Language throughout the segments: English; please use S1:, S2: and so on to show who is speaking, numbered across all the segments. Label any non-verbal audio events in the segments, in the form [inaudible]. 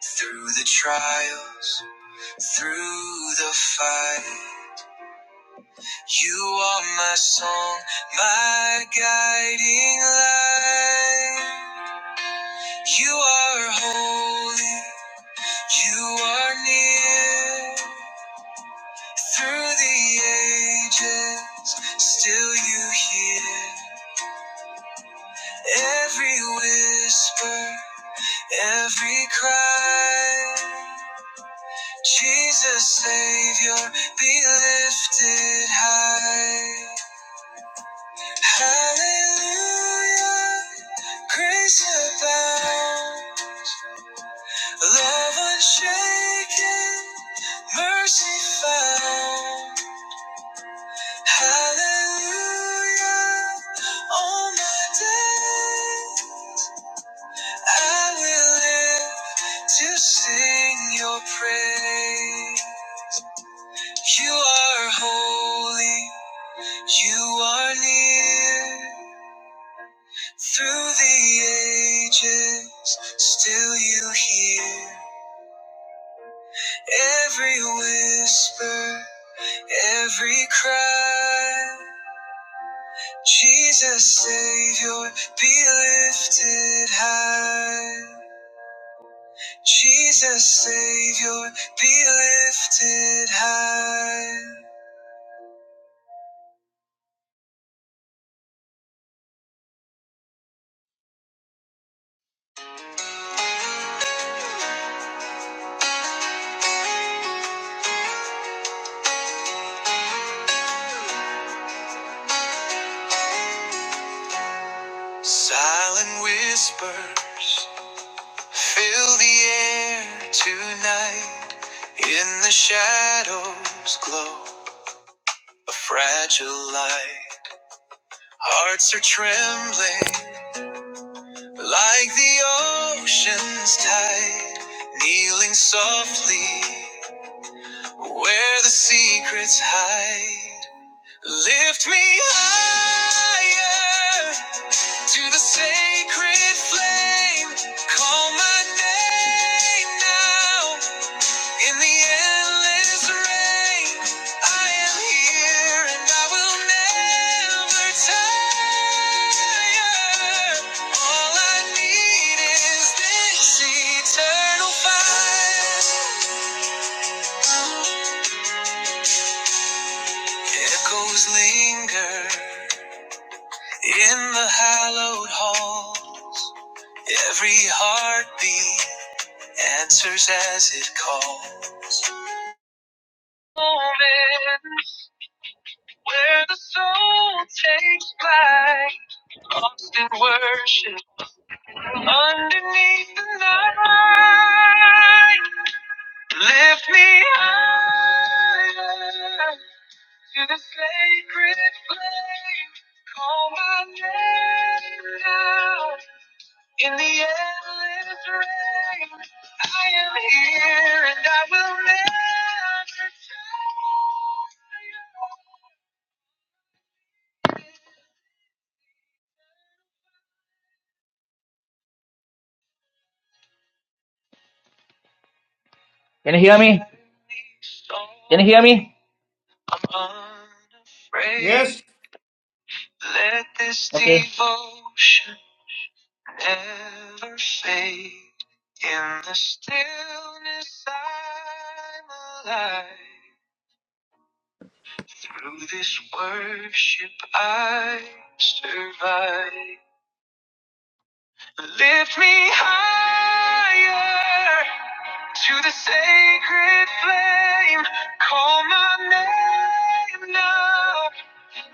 S1: Through the trials, through the fight, you are my song, my guiding light. You are holy, you are near. Through the ages, still you hear every whisper, every cry. Jesus, Savior, be lifted high. Hallelujah, grace abound, love unshaken, mercy found. Hallelujah, all my days I will live to sing your praise. You are holy. You are near through the ages, still you hear every whisper, every cry. Jesus, Savior, be lifted high. Jesus, Savior, be lifted high. Silent whispers Fill the air tonight in the shadows glow a fragile light. Hearts are trembling like the ocean's tide, kneeling softly where the secrets hide. Lift me higher to the sacred flame. Call my name now. In the endless rain, I am here and I will never tire. All I need is this eternal fire. Echoes linger in the hallowed halls. Every heartbeat answers as it calls. Oh, man. where the soul takes flight, lost in worship underneath the night. Lift me high to the sacred flame. Call my name now in the endless rain. I am here and I will never tire. Can you hear me? Can you hear me? Okay.
S2: Yes,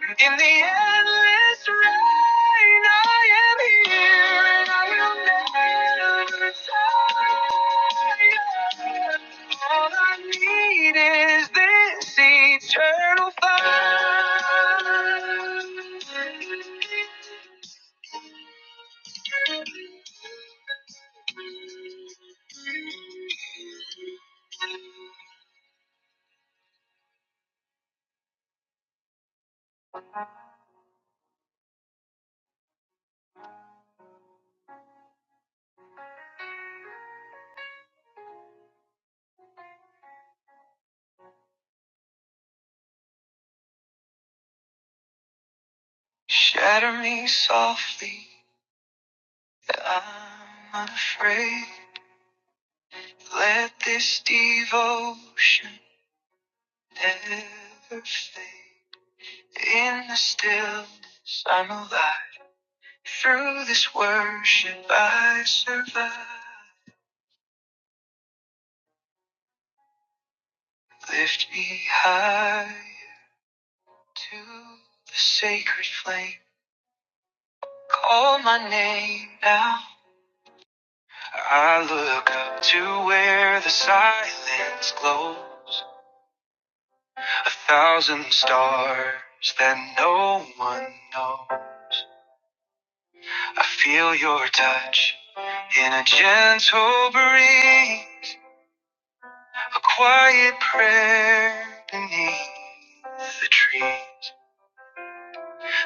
S1: In the endless rain, I am here and I will never retire. All I need is this eternal fire. Shatter me softly, I'm unafraid. Let this devotion never fade. In the stillness, I am alive through this worship I survive. Lift me high to the sacred flame. Call my name now. I look up to where the silence glows. A thousand stars that no one knows. I feel your touch in a gentle breeze. A quiet prayer beneath the trees.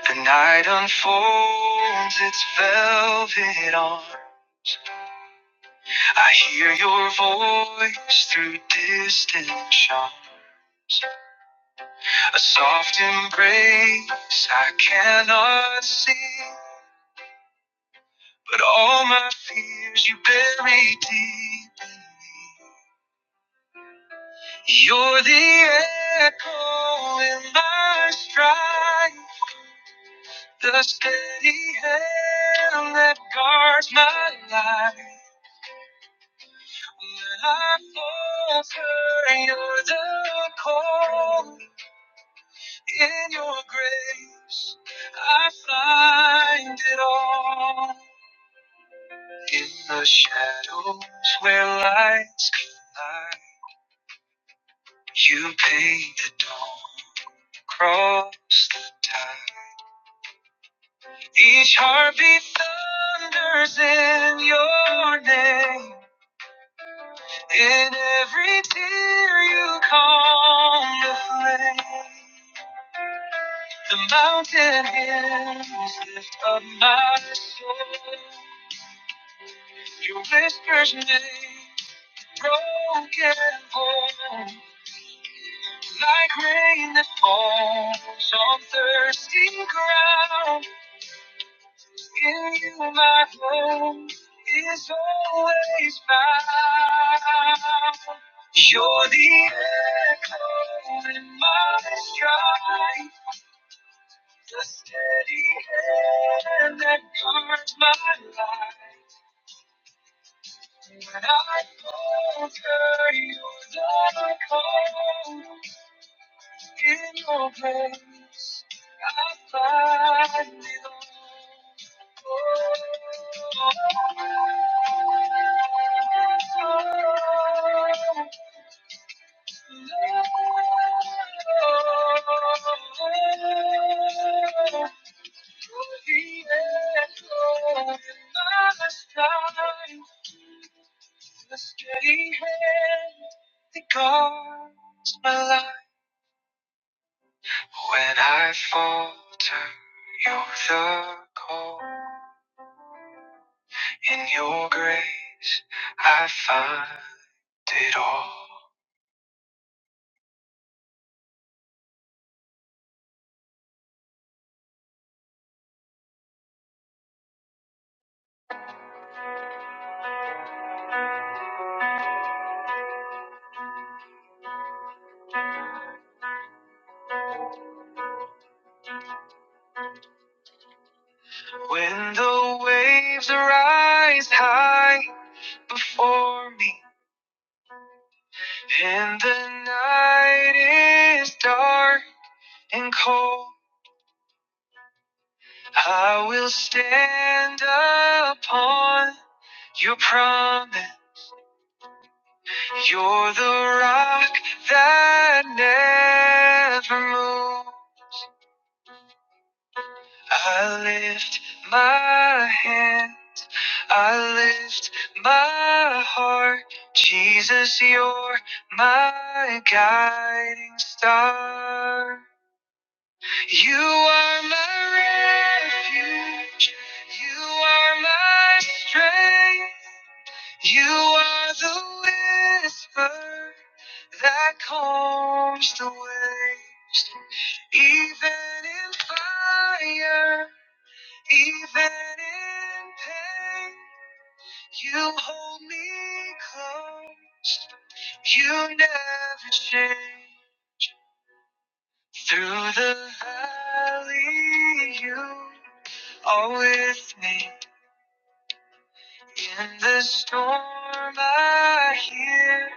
S1: The night unfolds its velvet arm. I hear your voice through distant showers. A soft embrace I cannot see. But all my fears you bury deep in me. You're the echo in my strife. The steady hand that guards my life. When I falter, you're the call. In your grace, I find it all. In the shadows where lights collide, you paint the dawn across the tide. Each heartbeat thunders in your name. In every tear you calm the flame. The mountain hymns lift up my soul. Your whispers make broken home like rain that falls on thirsty ground. In my hand is always found. You're the echo in my strife, the steady hand that guards my life. When I falter, you the call. In your grace, I find it all. The steady hand that guards my life. When I falter, you're the call. In your grace, I find it all. When the waves rise high before me, and the night is dark and cold, I will stand upon your promise. You're the rock that never moves. I lift my hand, I lift my heart. Jesus, you're my guiding star. You are my refuge, you are my strength, you are the whisper that calms the waves. Even in fire, even in pain, you hold me close. You never change. Through the valley, you are with me. In the storm, I hear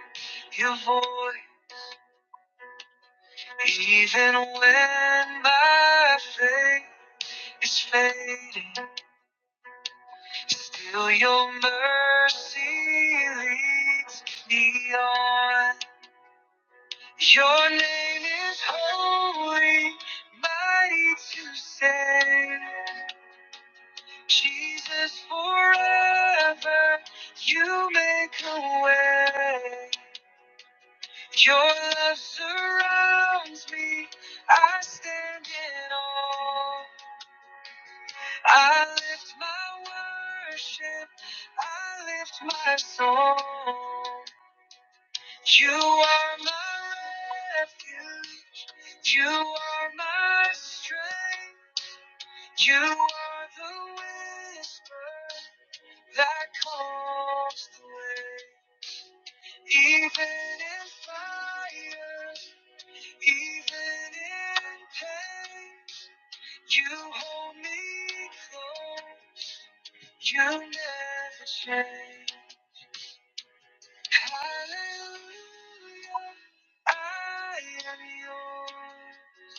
S1: your voice. Even when my faith is fading, Still your mercy leads me on. Your name is holy, mighty to save. Jesus forever, you make a way. Your love surrounds me, I stand in awe. I lift my worship, I lift my soul. You are my refuge. You are my strength. You are the whisper that calms the way. Even in fire, even in pain, you hold me close. You never change. Hallelujah, I am yours.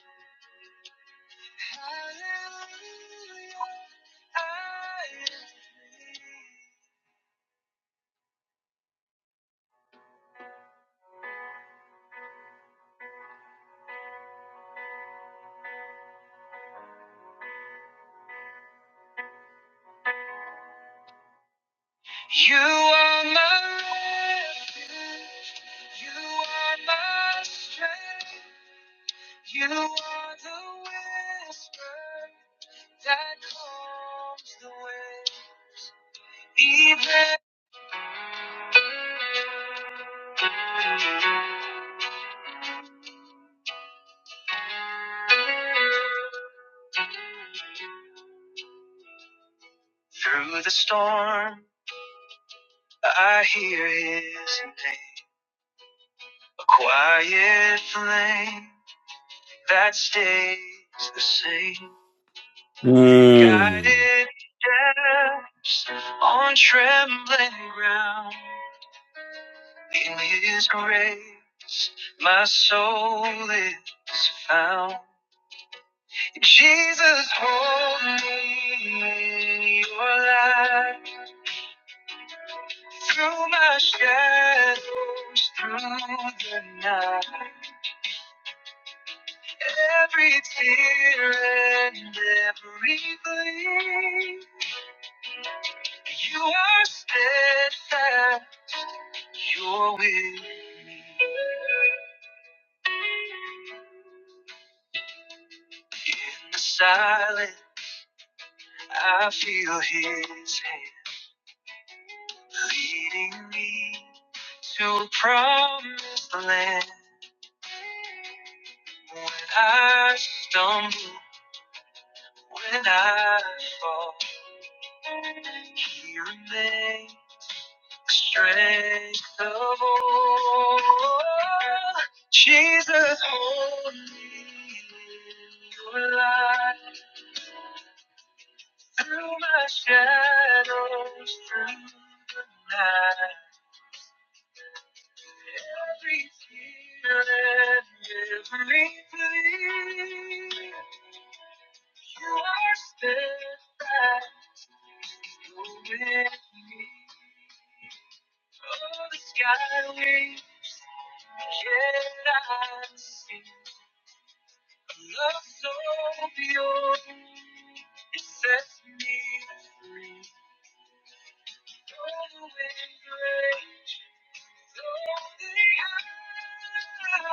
S1: Hallelujah, I am free. You are my refuge. You are my strength. You are the whisper that calms the wind. Even through the storm, I hear His name. Quiet flame that stays the same.
S3: Hmm.
S1: Guided steps on trembling ground. In His grace, my soul is found. Jesus, hold me in your light. Through my shadows, through the night. Every tear and every gleam, you are steadfast, you're with me. In the silence, I feel his hand leading me to a promised land. When I stumble, when I fall, he remains. strength of all. Jesus, hold me in your light through my shadows, through the night. Every tear and every plea, you are steadfast, you're with me. Oh, the sky waves, yet I see love so pure. It sets me free. Oh, in grace, though they hide,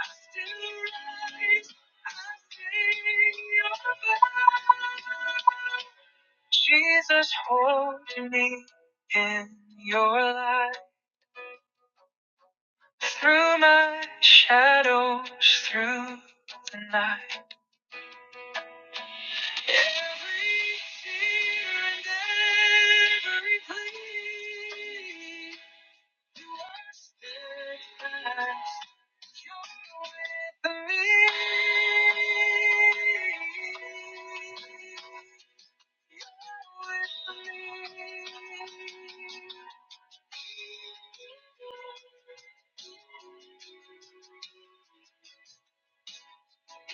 S1: I still rise. I sing your love. Jesus, hold me in your light. Through my shadows, through the night. Every fear and every plea. You are steadfast. You're with me.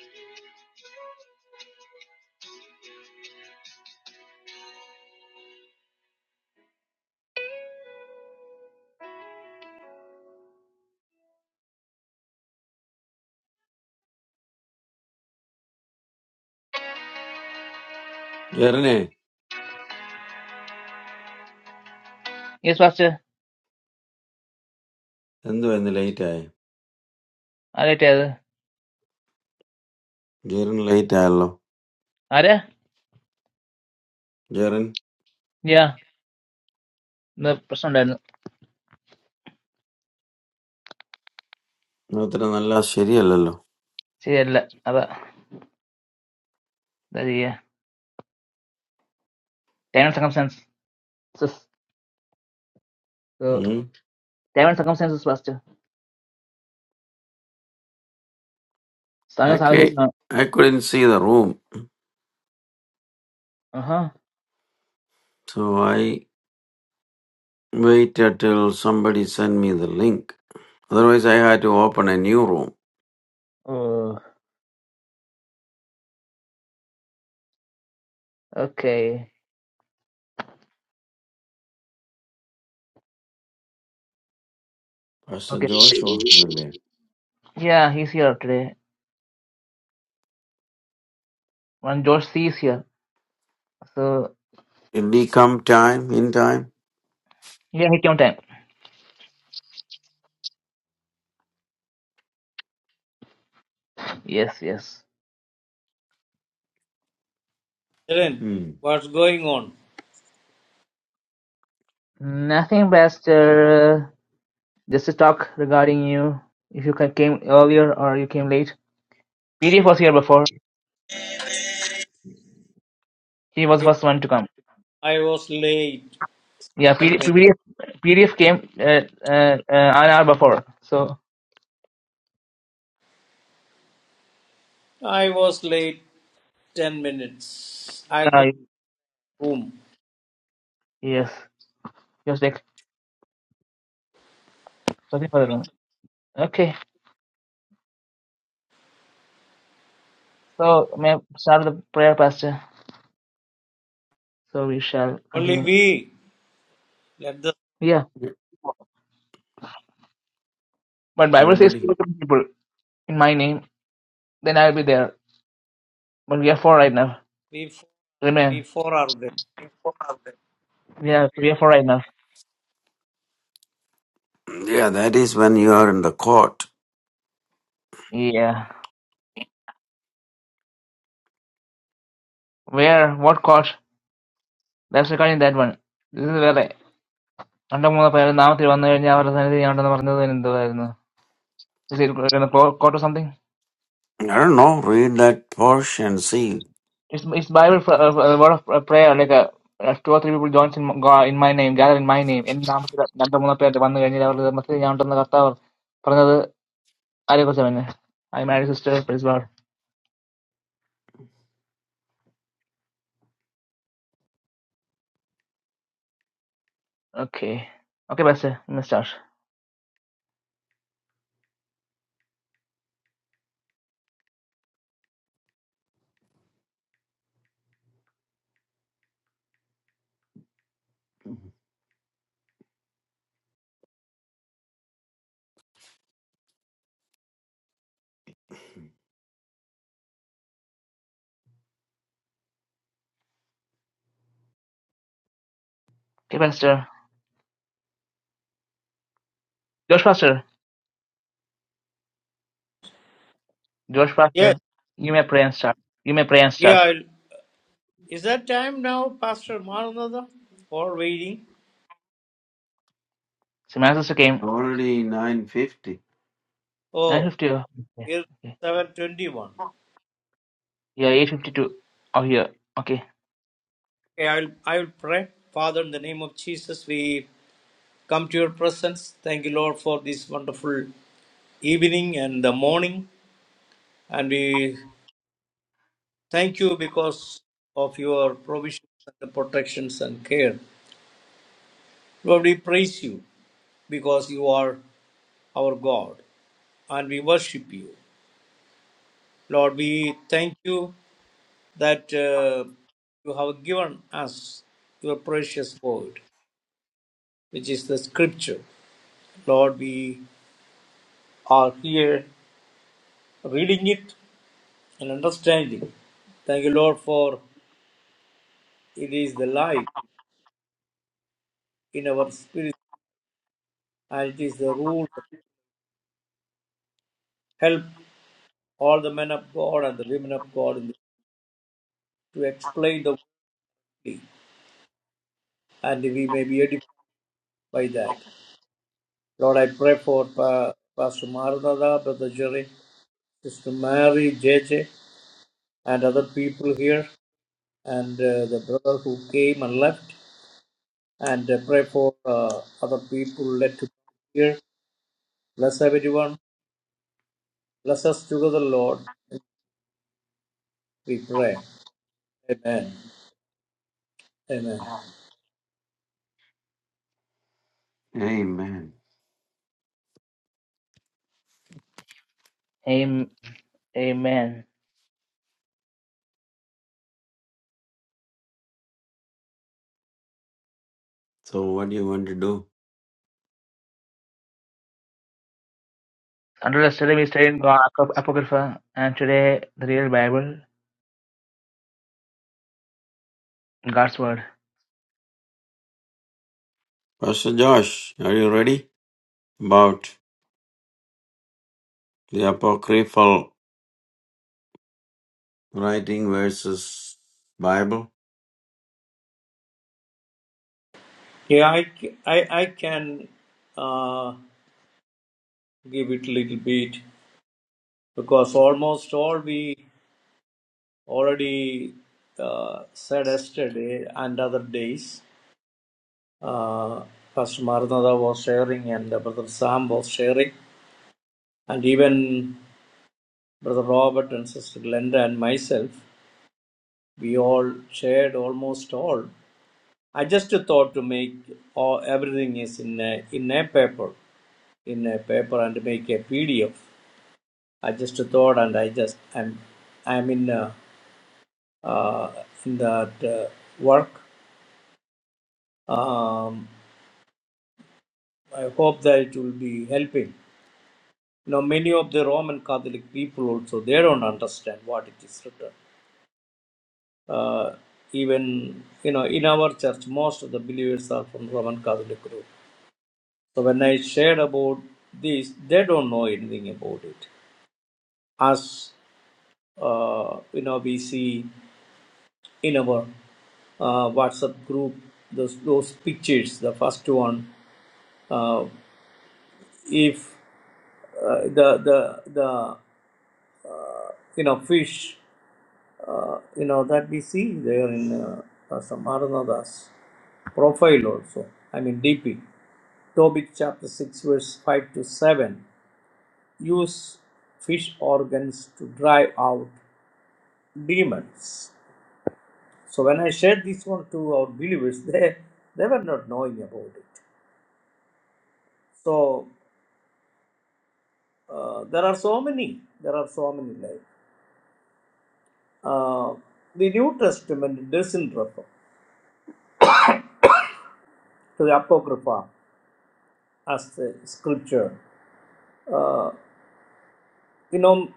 S1: You're with me.
S3: Where are you?
S1: Yes, master.
S3: I am doing the light. Where
S1: I'll tell.
S3: is the light? Hello.
S1: Are you?
S3: Where?
S1: Yeah. My personal channel.
S3: No, that is not all serial. Hello.
S1: See, I'm not. Okay. That's it. Ten seconds. So.
S3: Hmm.
S1: Ten seconds, yes, master. Same
S3: I
S1: as always.
S3: can't. I couldn't see the room,
S1: Uh-huh.
S3: so I waited till somebody send me the link. Otherwise, I had to open a new room.
S1: Okay.
S3: Mr.
S1: Okay.
S3: Joshua, will it?
S1: Yeah, he's here today. Man, George is here. So.
S3: It will come time in time.
S1: Yeah, he came on time. Yes, yes.
S2: Kiran,
S3: Hmm.
S2: what's going on?
S1: Nothing, master. Just to talk regarding you. If you ca- came earlier or you came late. Peter was here before. He was the
S2: Yeah,
S1: first one to come.
S2: I was late.
S1: yeah P-
S2: 10
S1: D
S2: minutes.
S1: pdf pdf came uh, uh, uh, an hour before so
S2: I was late 10 minutes. I
S1: yeah
S2: couldn't room.
S1: yes just was like looking for the room okay so may I start the prayer pastor so we shall
S2: Only
S1: continue
S2: we. Let the
S1: yeah but bible says
S3: Nobody.
S1: two or people in my name then i'll be there but we are four right now
S2: we four, we
S1: amen
S2: four are there.
S1: yeah so we are four right now
S3: Yeah, that is when you are in the court.
S1: yeah where what court that's regarding that one this is വേറെ രണ്ടോ മൂന്നോ പേര് നാമത്തിൽ വന്നു കഴിഞ്ഞാൽ അവരുടെ സന്നിധി ഉണ്ടെന്ന് പറഞ്ഞത് എന്തുവായിരുന്നു കോട്ട് something
S3: I don't know. Read that portion and see.
S1: It's it's Bible for uh, a word of uh, prayer. Like uh, if two or three people joins in m- God in my name, gather in my name. എന്റെ നാമത്തിൽ രണ്ടോ മൂന്നോ പേര് വന്നു കഴിഞ്ഞാൽ അവരുടെ മധ്യത്തിൽ ഞാൻ ഉണ്ടെന്ന് കർത്താവ് പറഞ്ഞത് ആരെക്കുറിച്ചാ പിന്നെ? I married sister, praise God. Okay. Okay, Pastor, you may start. Okay, Pastor. Josh Pastor, Josh Pastor,
S2: Yes.
S1: you may pray and start. You may pray and
S2: Yeah.
S1: start.
S2: I'll- Is that time now, Pastor Maranatha? Or waiting?
S1: So my sister came
S3: Already nine fifty.
S2: Oh,
S1: 9:50. Okay.
S2: it's
S1: okay.
S2: 721.
S1: Yeah, 8:52 out here. Okay.
S2: Okay, I'll, I'll pray. Father, in the name of Jesus, we come to your presence. Thank you, Lord, for this wonderful evening and the morning. And we Thank you because of your provisions and protections and care. Lord, we praise you because you are our God and we worship you. Lord, we thank you that uh, you have given us your precious word, which is the scripture. Lord, we are here reading it and understanding. Thank you, Lord, for it is the life in our spirit and it is the rule, help all the men of God and the women of God in the, to explain the word, and we may be edified by that. Lord, I pray for Pa- Pastor Marunada, Brother Jerry, Sister Mary, JJ, and other people here, and uh, the brother who came and left, and uh, pray for uh, other people led to come here. Bless everyone. Bless us together, Lord. We pray. Amen. Amen.
S3: Amen.
S1: Amen. Amen.
S3: So, what do you want to do?
S1: Until yesterday, we studied in Ap- Apocrypha, and today, the real Bible, God's Word.
S3: Pastor Josh, are you ready about the apocryphal writing versus Bible?
S2: Yeah, I, ca- I, I can uh, give it a little bit. because almost all we already uh, said yesterday and other days, uh, Pastor Maranatha was sharing and uh, Brother Sam was sharing, and even Brother Robert and Sister Glenda and myself, we all shared almost all. I just thought to make all, everything is in a, in a paper, in a paper and make a PDF. I just thought and I just I'm I'm in uh, uh, in that uh, work Um, I hope that it will be helping. Now, many of the Roman Catholic people also they don't understand what it is written. Uh, even you know, in our church, most of the believers are from Roman Catholic group. So when I shared about this, they don't know anything about it. As uh, you know, we see in our uh, WhatsApp group those those pictures. The first one, uh, if uh, the the the you know, fish, uh, you know, that we see there in uh, uh, Samaranada's profile also. I mean, DP. Tobit chapter 6, verse 5 to 7. Use fish organs to drive out demons. So, when I shared this one to our believers, they, they were not knowing about it. So, uh, there are so many, there are so many. Like, uh, the New Testament doesn't refer to the Apocrypha as a scripture. Uh, you know,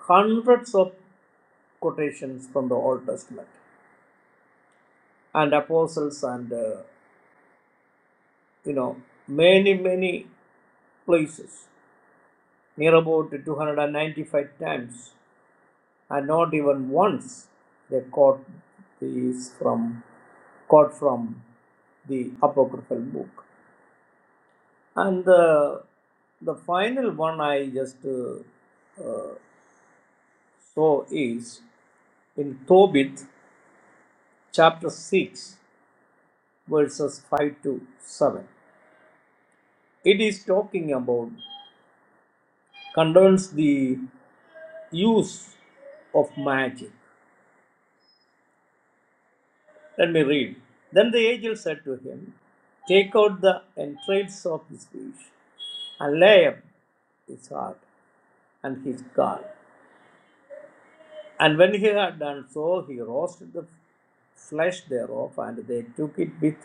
S2: hundreds of quotations from the Old Testament and apostles, and uh, you know, many many places, near about 295 times, and not even once they quote these from quote from the apocryphal book. And the the final one I just uh, saw is in Tobit chapter 6 verses 5 to 7. It is talking about concerns the use of magic. Let me read. Then the angel said to him, Take out the entrails of his fish and lay up his heart and his gall." And when he had done so, he roasted the flesh thereof, and they took it with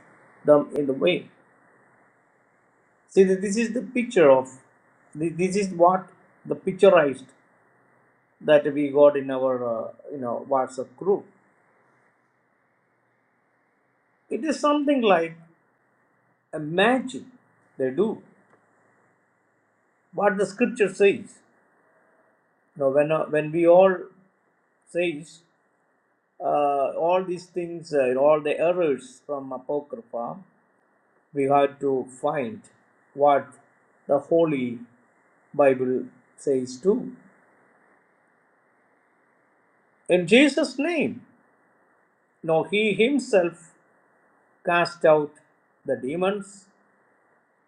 S2: them in the way. See, th- this is the picture of, th- this is what the picturized that we got in our uh, you know WhatsApp group. It is something like a magic they do. What the scripture says, you know, when uh, when we all says uh, all these things, uh, all the errors from apocrypha, we have to find what the Holy Bible says too. In Jesus' name, no, he himself cast out the demons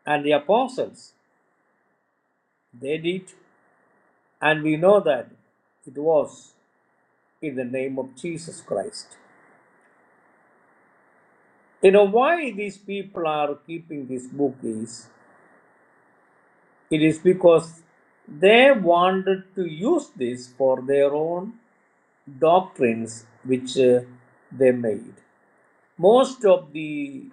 S2: and the apostles. They did And we know that it was in the name of Jesus Christ. You know, why these people are keeping this book is it is because they wanted to use this for their own doctrines which uh, they made. Most of the,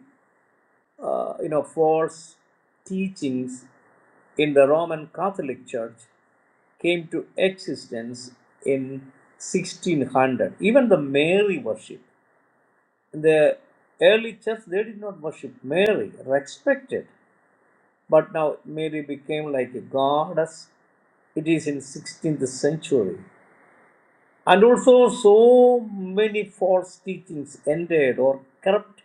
S2: uh, you know, false teachings in the Roman Catholic Church came to existence in 1600. Even the Mary worship the early church they did not worship mary respected but now mary became like a goddess it is in 16th century and also so many false teachings entered or corrupt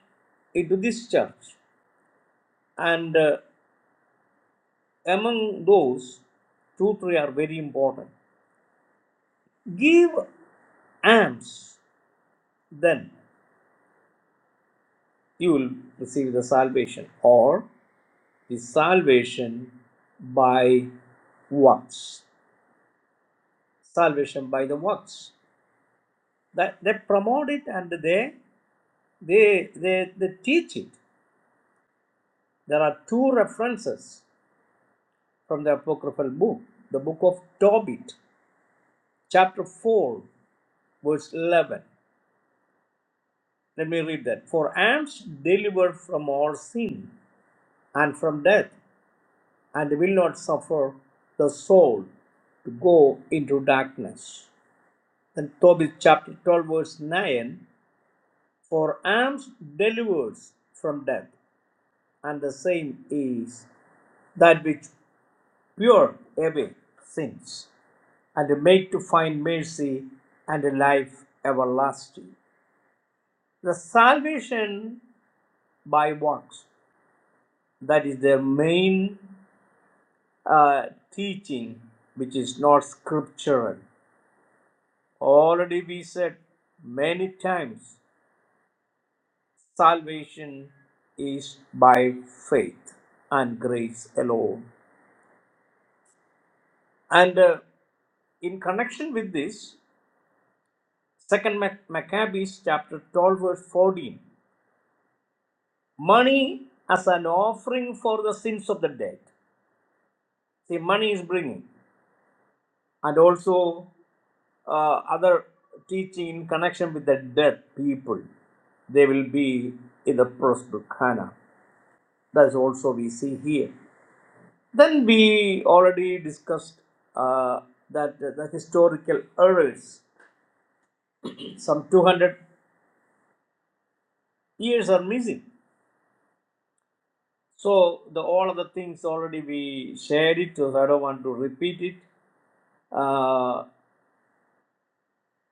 S2: into this church and uh, among those two three are very important give alms then you will receive the salvation or. the salvation by works salvation by the works that they promote it and they they they, they teach it there are two references from the apocryphal book the book of tobit chapter 4 verse 11 let me read that for i am delivered from all sin and from death and will not suffer the soul to go into darkness Then Tobit chapter 12, verse 9 For alms delivers from death, and the same is that which pure away sins, and make to find mercy and a life everlasting. The salvation by works, that is their main uh, teaching, which is not scriptural. Already we said many times salvation is by faith and grace alone and uh, in connection with this second Mac- maccabees chapter 12 verse 14 money as an offering for the sins of the dead see money is bringing and also uh, other teaching in connection with the dead people they will be in the prosperous Hannah. That's also we see here. Then we already discussed uh, that the historical errors, some 200 years are missing. So the all of the things already we shared it, so I don't want to repeat it. Uh,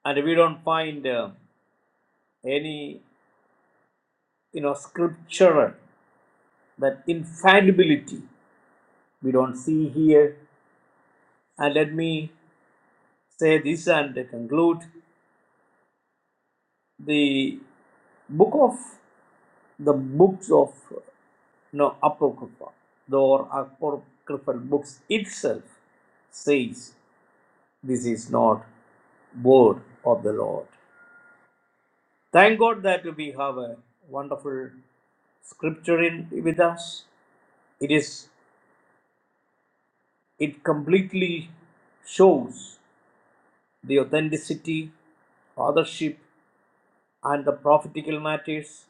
S2: and we don't find uh, any, you know, scriptural that infallibility we don't see here. And let me say this and conclude the book of the books of No, Apocrypha, the or Apocryphal books itself says this is not word of the Lord. Thank God that we have a wonderful scripture in with us. It is it completely shows the authenticity, authorship, and the prophetical matters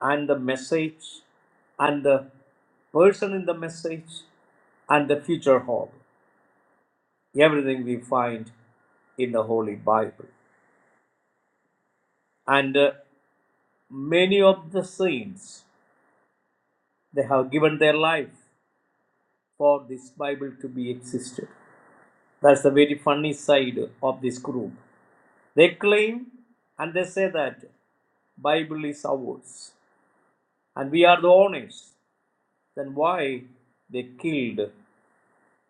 S2: and the message and the person in the message and the future hope. Everything we find in the Holy Bible. And uh, many of the saints, they have given their life for this Bible to be existed. That's the very funny side of this group. They claim and they say that Bible is ours and we are the owners. Then why they killed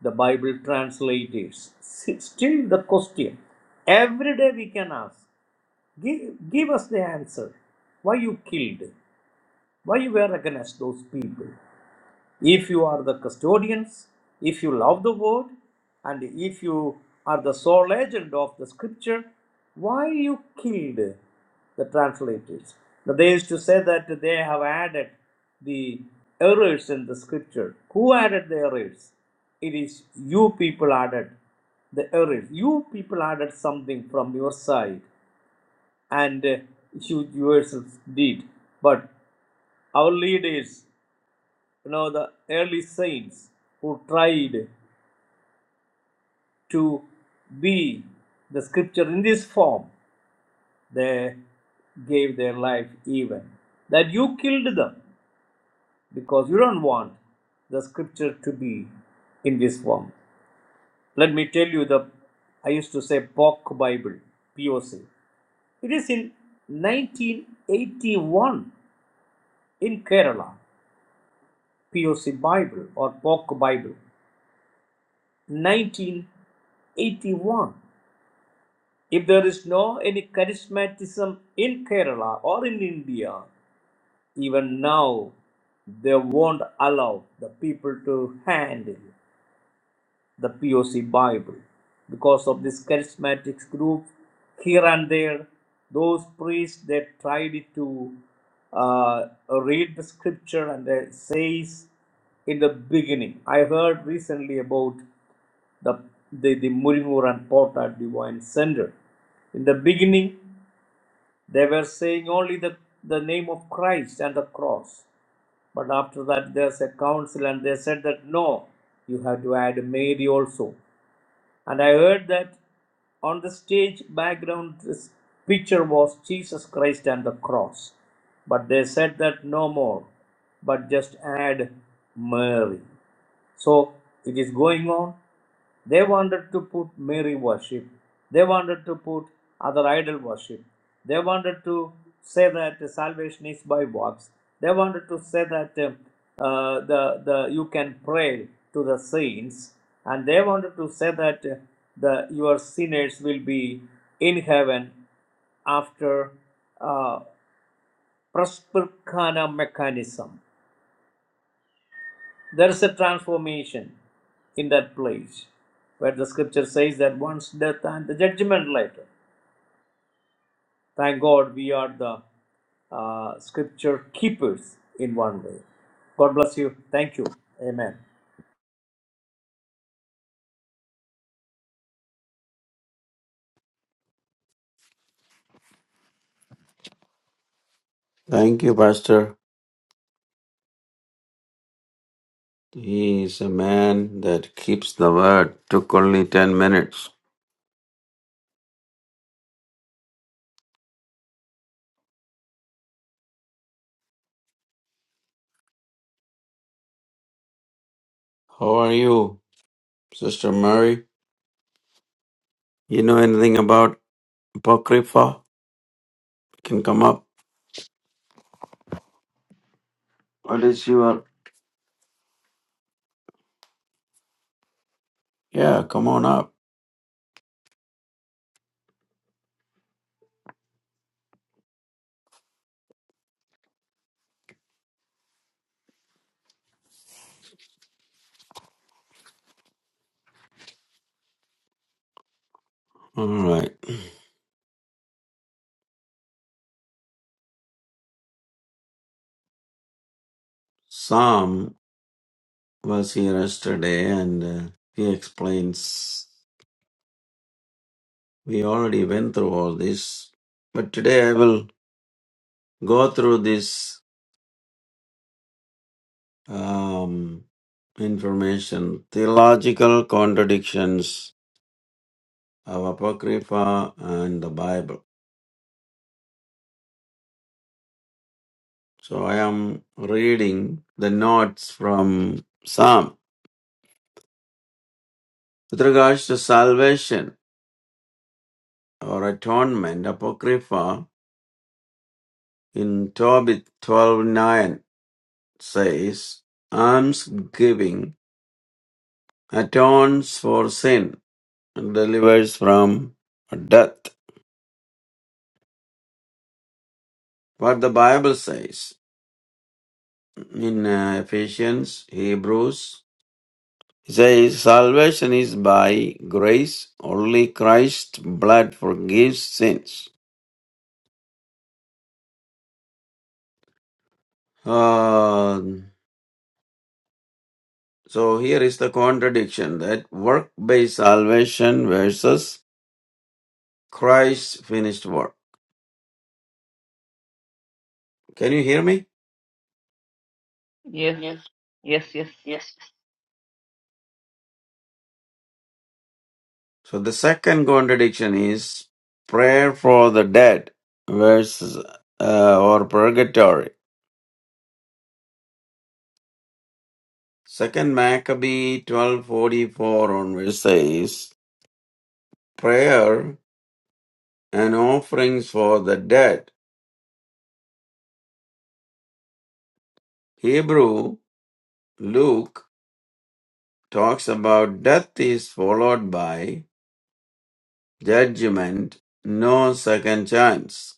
S2: the Bible translators? Still the question. Every day we can ask, give, give us the answer. Why you killed? Why you were against those people? If you are the custodians, if you love the word, and if you are the sole agent of the scripture, why you killed the translators? Now, they used to say that they have added the errors in the scripture. Who added the errors? It is you people added the errors. You people added something from your side and uh, you yourselves did. But our leaders you know the early saints who tried to be the scripture in this form they gave their life even that you killed them because you don't want the scripture to be in this form let me tell you the i used to say poc bible poc it is in 1981 in kerala poc bible or poc bible 1981 If there is no any charismatism in Kerala or in India, even now they won't allow the people to handle the POC Bible because of this charismatic group here and there. Those priests they tried to uh, read the scripture and it says in the beginning. I heard recently about the the, the Murimur and Potter Divine Center. In the beginning, they were saying only the, the name of Christ and the cross. But after that, there's a council, and they said that no, you have to add Mary also. And I heard that on the stage background, this picture was Jesus Christ and the cross. But they said that no more, but just add Mary. So it is going on. They wanted to put Mary worship. They wanted to put other idol worship. They wanted to say that salvation is by works. They wanted to say that uh, uh, the, the you can pray to the saints, and they wanted to say that uh, the your sinners will be in heaven after uh, presbycana mechanism. There is a transformation in that place where the scripture says that once death and the judgment later. Thank God we are the uh, scripture keepers in one way. God bless you. Thank you. Amen.
S3: Thank you, Pastor. He is a man that keeps the word. Took only 10 minutes. How are you, Sister Mary? You know anything about Apocrypha? Can come up. What is your. Yeah, come on up. All right. Sam was here yesterday and uh, he explains. We already went through all this, but today I will go through this um, information theological contradictions of Apocrypha and the Bible. So I am reading the notes from Psalm. With regards to salvation or atonement, Apocrypha in Tobit 12.9 says, almsgiving atones for sin delivers from death. What the Bible says in uh, Ephesians, Hebrews, it says salvation is by grace. Only Christ's blood forgives sins. Uh, so here is the contradiction that work-based salvation versus Christ's finished work. Can you hear me?
S1: Yes, yes, yes.
S3: So the second contradiction is prayer for the dead versus uh, or purgatory. Second Maccabee 12:44 onwards says, prayer and offerings for the dead. Hebrew Luke talks about death is followed by judgment, no second chance.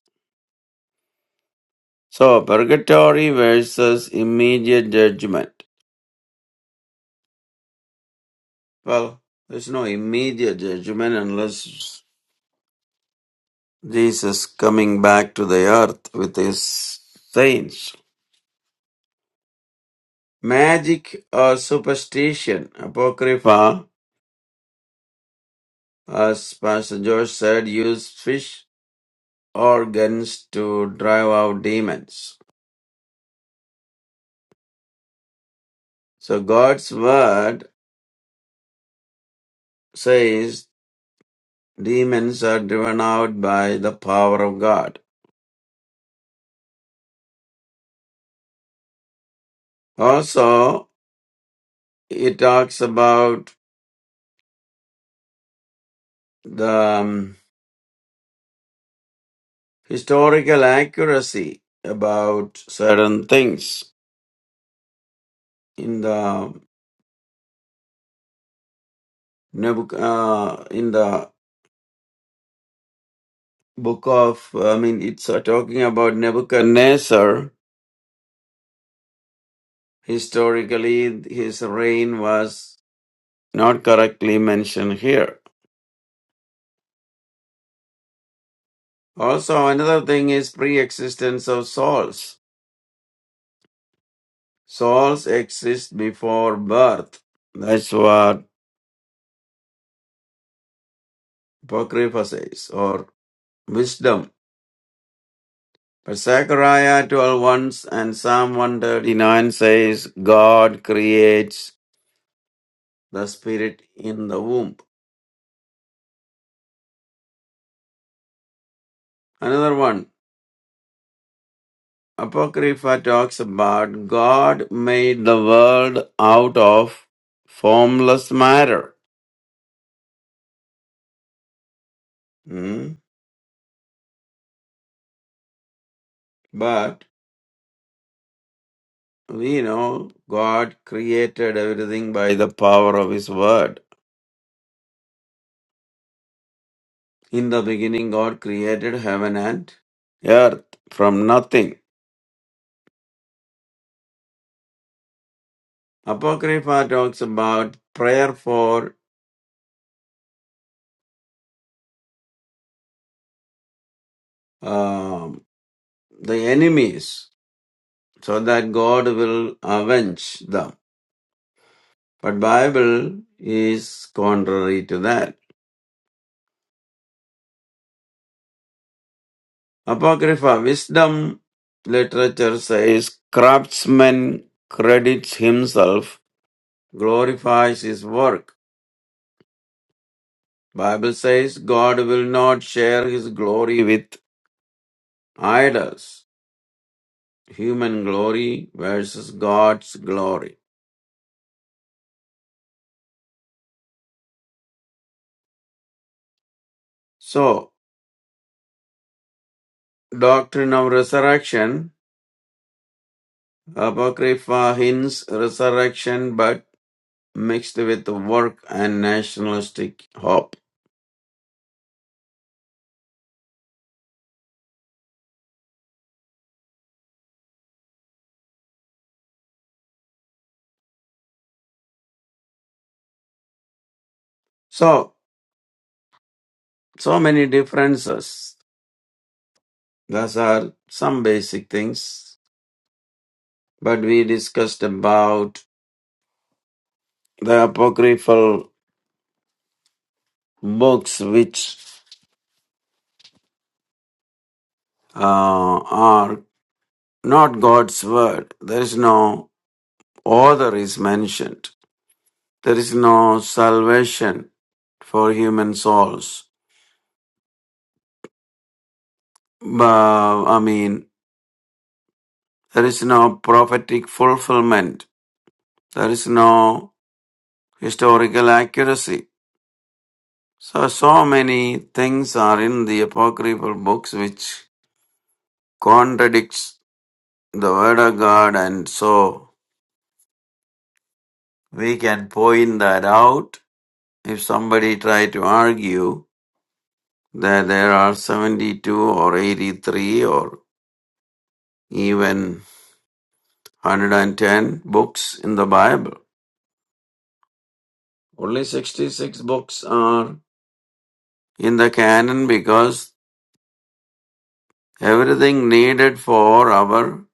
S3: So purgatory versus immediate judgment. Well, there's no immediate judgment unless Jesus coming back to the earth with his saints. Magic or superstition. Apocrypha, as Pastor George said, use fish or guns to drive out demons. So God's word says demons are driven out by the power of God. Also, it talks about the um, historical accuracy about certain things in the Nebuch- uh, in the book of, I mean, it's uh, talking about Nebuchadnezzar. Historically, his reign was not correctly mentioned here. Also, another thing is pre existence of souls. Souls exist before birth. That's what Apocrypha says, or wisdom. But Zechariah 12 once and Psalm 139 says, God creates the spirit in the womb. Another one. Apocrypha talks about God made the world out of formless matter. Hmm? But we know God created everything by the power of His word. In the beginning, God created heaven and earth from nothing. Apocrypha talks about prayer for um, the enemies so that God will avenge them. But Bible is contrary to that. Apocrypha wisdom literature says craftsman credits himself, glorifies his work. Bible says God will not share his glory with idols. Human glory versus God's glory. So, doctrine of resurrection, Apocrypha hints resurrection but mixed with work and nationalistic hope. So, so many differences. Those are some basic things. But we discussed about the apocryphal books which uh, are not God's word. There is no author is mentioned. There is no salvation for human souls. But, I mean, there is no prophetic fulfillment. There is no historical accuracy. So, so many things are in the apocryphal books which contradicts the Word of God, and so we can point that out. If somebody try to argue that there are 72 or 83 or even 110 books in the Bible, only 66 books are in the canon because everything needed for our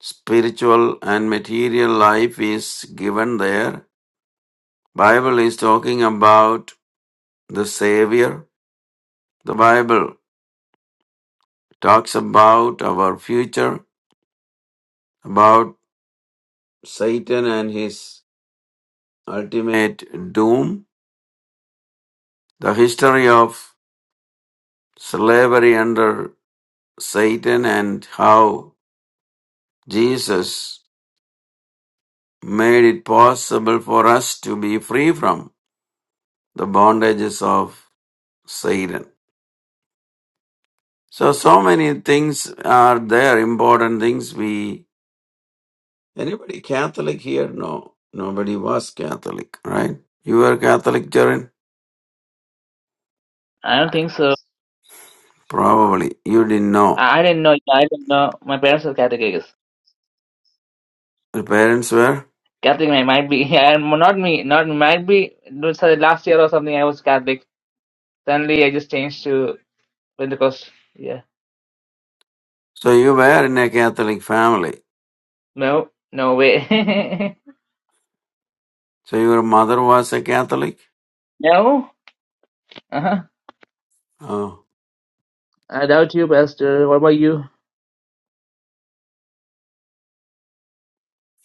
S3: spiritual and material life is given there. Bible is talking about the Savior, The Bible talks about our future, about Satan and his ultimate doom, the history of slavery under Satan, and how Jesus made it possible for us to be free from the bondages of Satan. So, so many things are there, important things we. Anybody Catholic here? No, nobody was Catholic, right? You were Catholic, Jaren?
S1: I don't think so.
S3: Probably. You didn't know.
S1: I I didn't know. I didn't know. My parents are Catholic, I guess.
S3: Your parents were?
S1: Catholic, I might be. [laughs] Yeah, not me. Not might be. no, Sorry, last year or something, I was Catholic. Suddenly, I just changed to Pentecost. Yeah.
S3: So you were in a Catholic family.
S1: No, no way. [laughs]
S3: So your mother was a Catholic?
S1: no. Uh huh.
S3: Oh.
S1: I doubt you, Pastor. What about you?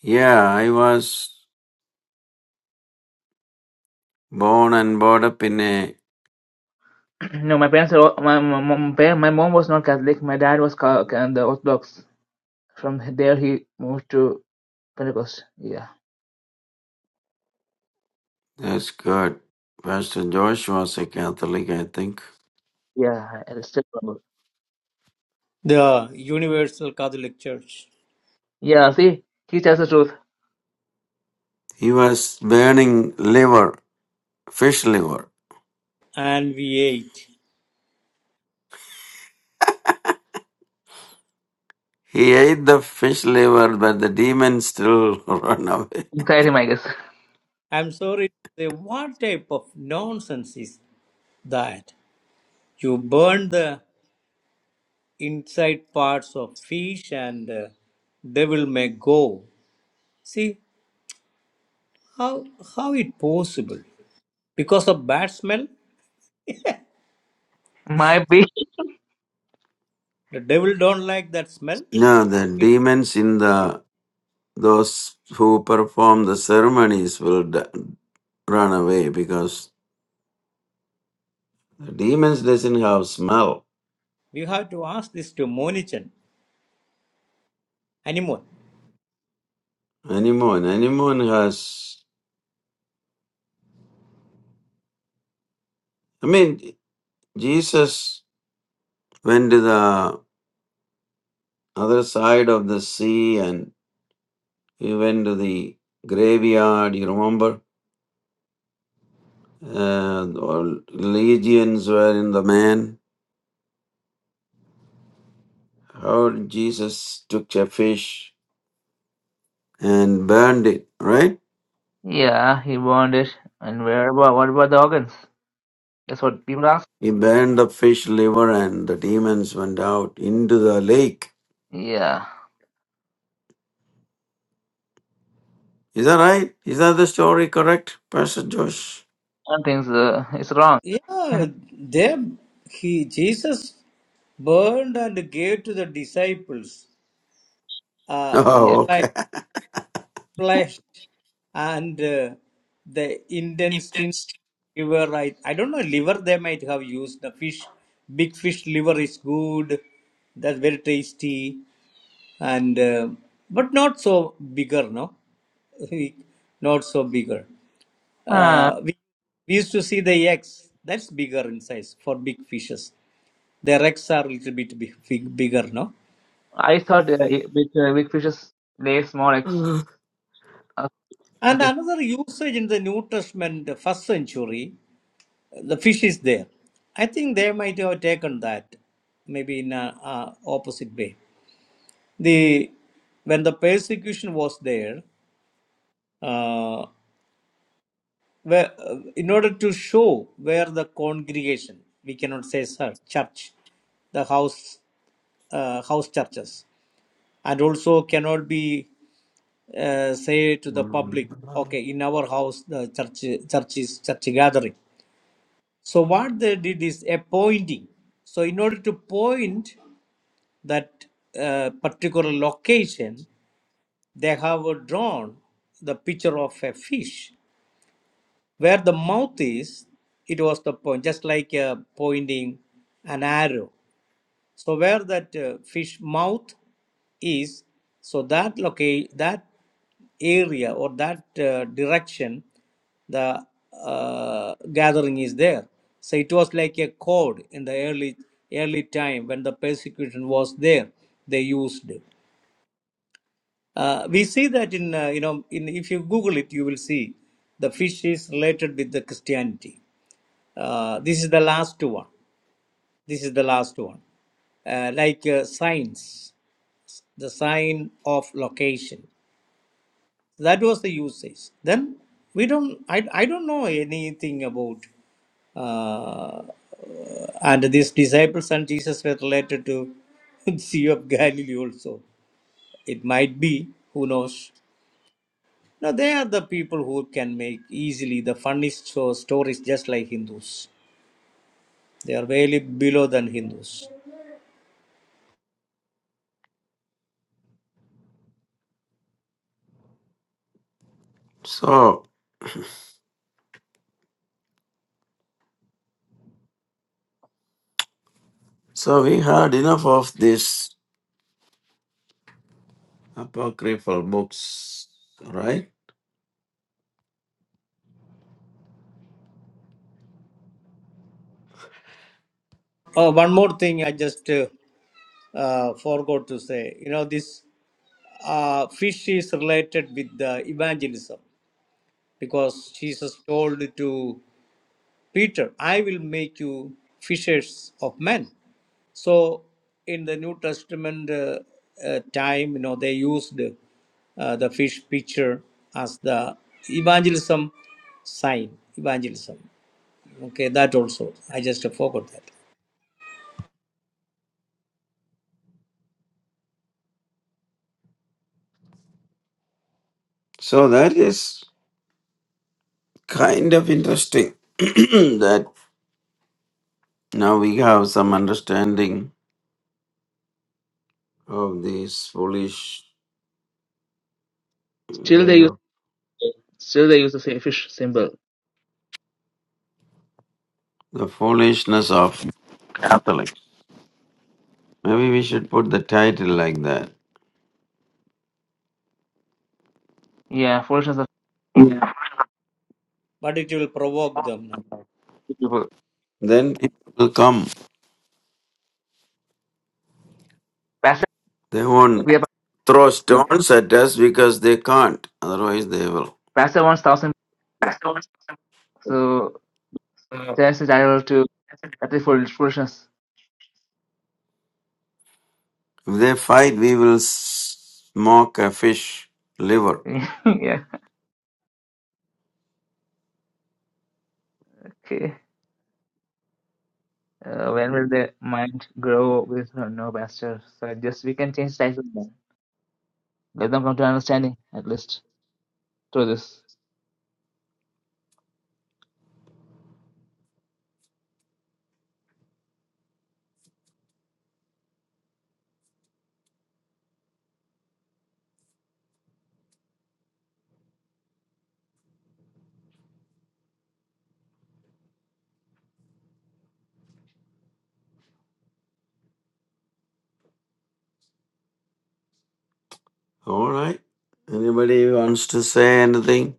S3: Yeah, I was born and brought up in a.
S1: [clears throat] no, my parents are. all- My my, my, my mom was not Catholic. My dad was ca- ca- the Orthodox. From there he moved to Pentecost. Yeah,
S3: That's good. Pastor Josh was a Catholic, I think.
S1: yeah, I still remember.
S2: The Universal Catholic Church
S1: Yeah, see, he tells the truth
S3: He was burning liver, fish liver.
S2: and V8.
S3: He ate the fish liver, but the demons still [laughs] run away.
S1: inside him, I guess.
S2: I'm sorry to say, what type of nonsense is that? You burn the inside parts of fish and uh, devil may go. See, How how it possible? Because of bad smell?
S1: Might be.
S2: The devil don't like that smell.
S3: No, the
S2: It,
S3: demons in the Those who perform the ceremonies will d- run away because the demons doesn't have smell
S2: we have to ask this to Monichan anyone.
S3: anyone. Anyone has. I mean, Jesus went to the other side of the sea and he went to the graveyard. You remember? Uh, all legions were in the man. How Jesus took a fish and burned it, right?
S1: Yeah, he burned it. And where about what about the organs? That's what people ask.
S3: He burned the fish liver and the demons went out into the lake.
S1: Yeah,
S3: Is that right? Is that the story correct, Pastor Josh? [laughs]
S1: I don't think so. it's wrong.
S2: Yeah,
S1: [laughs]
S2: they he Jesus burned and gave to the disciples uh, the
S1: yeah.
S3: Oh,
S2: flesh,
S3: okay.
S2: flesh and uh, the intestine liver. I, I don't know liver they might have used the fish. Big fish liver is good. That's very tasty. and uh, but not so bigger no We- not so bigger
S1: Uh,
S2: uh, we, we used to see the eggs that's bigger in size for big fishes their eggs are a little bit big, big, bigger no
S1: I thought uh, it- with uh, big fishes lay small eggs. Uh,
S2: and
S1: okay.
S2: another usage in the new testament the first century the fish is there i think they might have taken that maybe in a, a opposite way the when the persecution was there uh, where, uh, in order to show where the congregation, we cannot say sir, church, the house, uh, house churches, and also cannot be uh, say to the public, okay, in our house the church church is church gathering. So what they did is appointing. So in order to point that uh, particular location, they have drawn the picture of a fish where the mouth is, it was the point, just like uh, pointing an arrow. So where that uh, fish mouth is, so that locate that area or that uh, direction, the uh, gathering is there. So it was like a code in the early early time when the persecution was there. They used. it. Uh, we see that in, uh, you know, in, if you Google it, you will see the fish is related with the Christianity. Uh, this is the last one. This is the last one. Uh, like uh, signs, the sign of location. That was the usage. Then we don't, I, I don't know anything about, uh, and these disciples and Jesus were related to [laughs] Sea of Galilee also. It might be, who knows. Now they are the people who can make easily the funniest so- stories just like Hindus. They are way below than Hindus.
S3: So, so we had enough of these apocryphal books, right?
S2: Oh, one more thing I just uh, uh, forgot to say. You know, this uh, fish is related with the evangelism because Jesus told to Peter, I will make you fishers of men. So in the New Testament uh, uh, time, you know, they used uh, the fish picture as the evangelism sign, evangelism. Okay, that also. I just forgot that.
S3: So that is kind of interesting [clears throat] that now we have some understanding of these foolish,
S1: Still
S3: you
S1: they use
S3: know,
S1: still they use the same fish symbol.
S3: the foolishness of intellect. Maybe we should put the title like that
S1: Yeah, foolishness of
S2: But it will provoke them. No?
S1: people.
S3: Then people will come.
S1: Pastor,
S3: They won't
S1: we have
S3: throw stones at us because they can't. Otherwise, they will.
S1: Pastor wants thousand. people. So So That's the title to "That is Beautiful Explosions.
S3: If they fight, we will smoke a fish liver.
S1: [laughs] yeah, okay. Uh, when will the mind grow with no pasture? So just we can change title now. Let them come to understanding at least through this.
S3: All right. Anybody wants to say anything?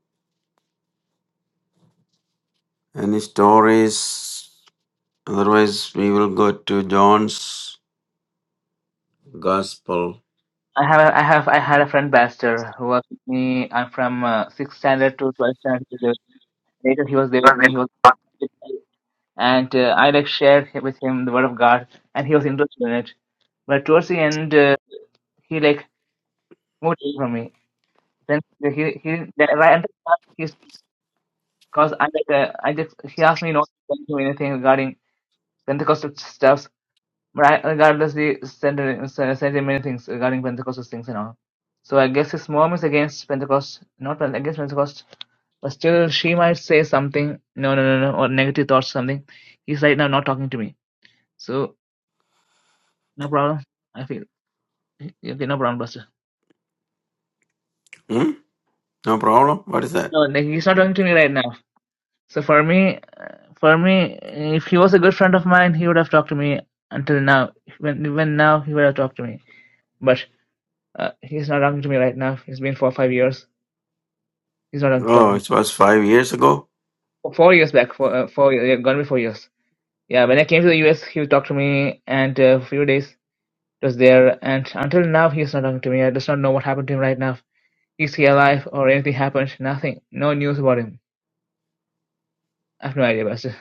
S3: Any stories? Otherwise, we will go to John's Gospel.
S1: I have a, I have I had a friend pastor who was with me. I'm from uh, sixth standard to twelfth standard. to 11th. Later he was there with me. He was
S3: Hmm?
S1: and uh, I like shared hi- with him the word of God, and he was interested in it. But towards the end, uh, he like moved away from me. Then he he right under Cause I like uh, I just he asked me not to tell him anything regarding Pentecostal stuffs, but I regardlessly sent him, sent him many things regarding Pentecostal things and all. So I guess his mom is against Pentecost, not Pente- against Pentecost, but still she might say something, no, no, no, no, or negative thoughts, something. He's right now not talking to me, so no problem. I feel okay, no problem, Buster.
S3: No problem. What is that?
S1: No, like he's not talking to me right now. So for me, For me, if he was a good friend of mine, he would have talked to me until now. When, even now, he would have talked to me. But uh, he's not talking to me right now. It's been four or five years. He's not talking to
S3: Oh,
S1: me.
S3: it was five years ago.
S1: Four four years back, four, uh, four yeah, gonna be four years. Yeah, when I came to the US, he would talk to me, and uh, a few days it was there. And until now, he's not talking to me. I just not know what happened to him right now. Is he alive or anything happened? Nothing. No news about him. I have no idea, Pastor.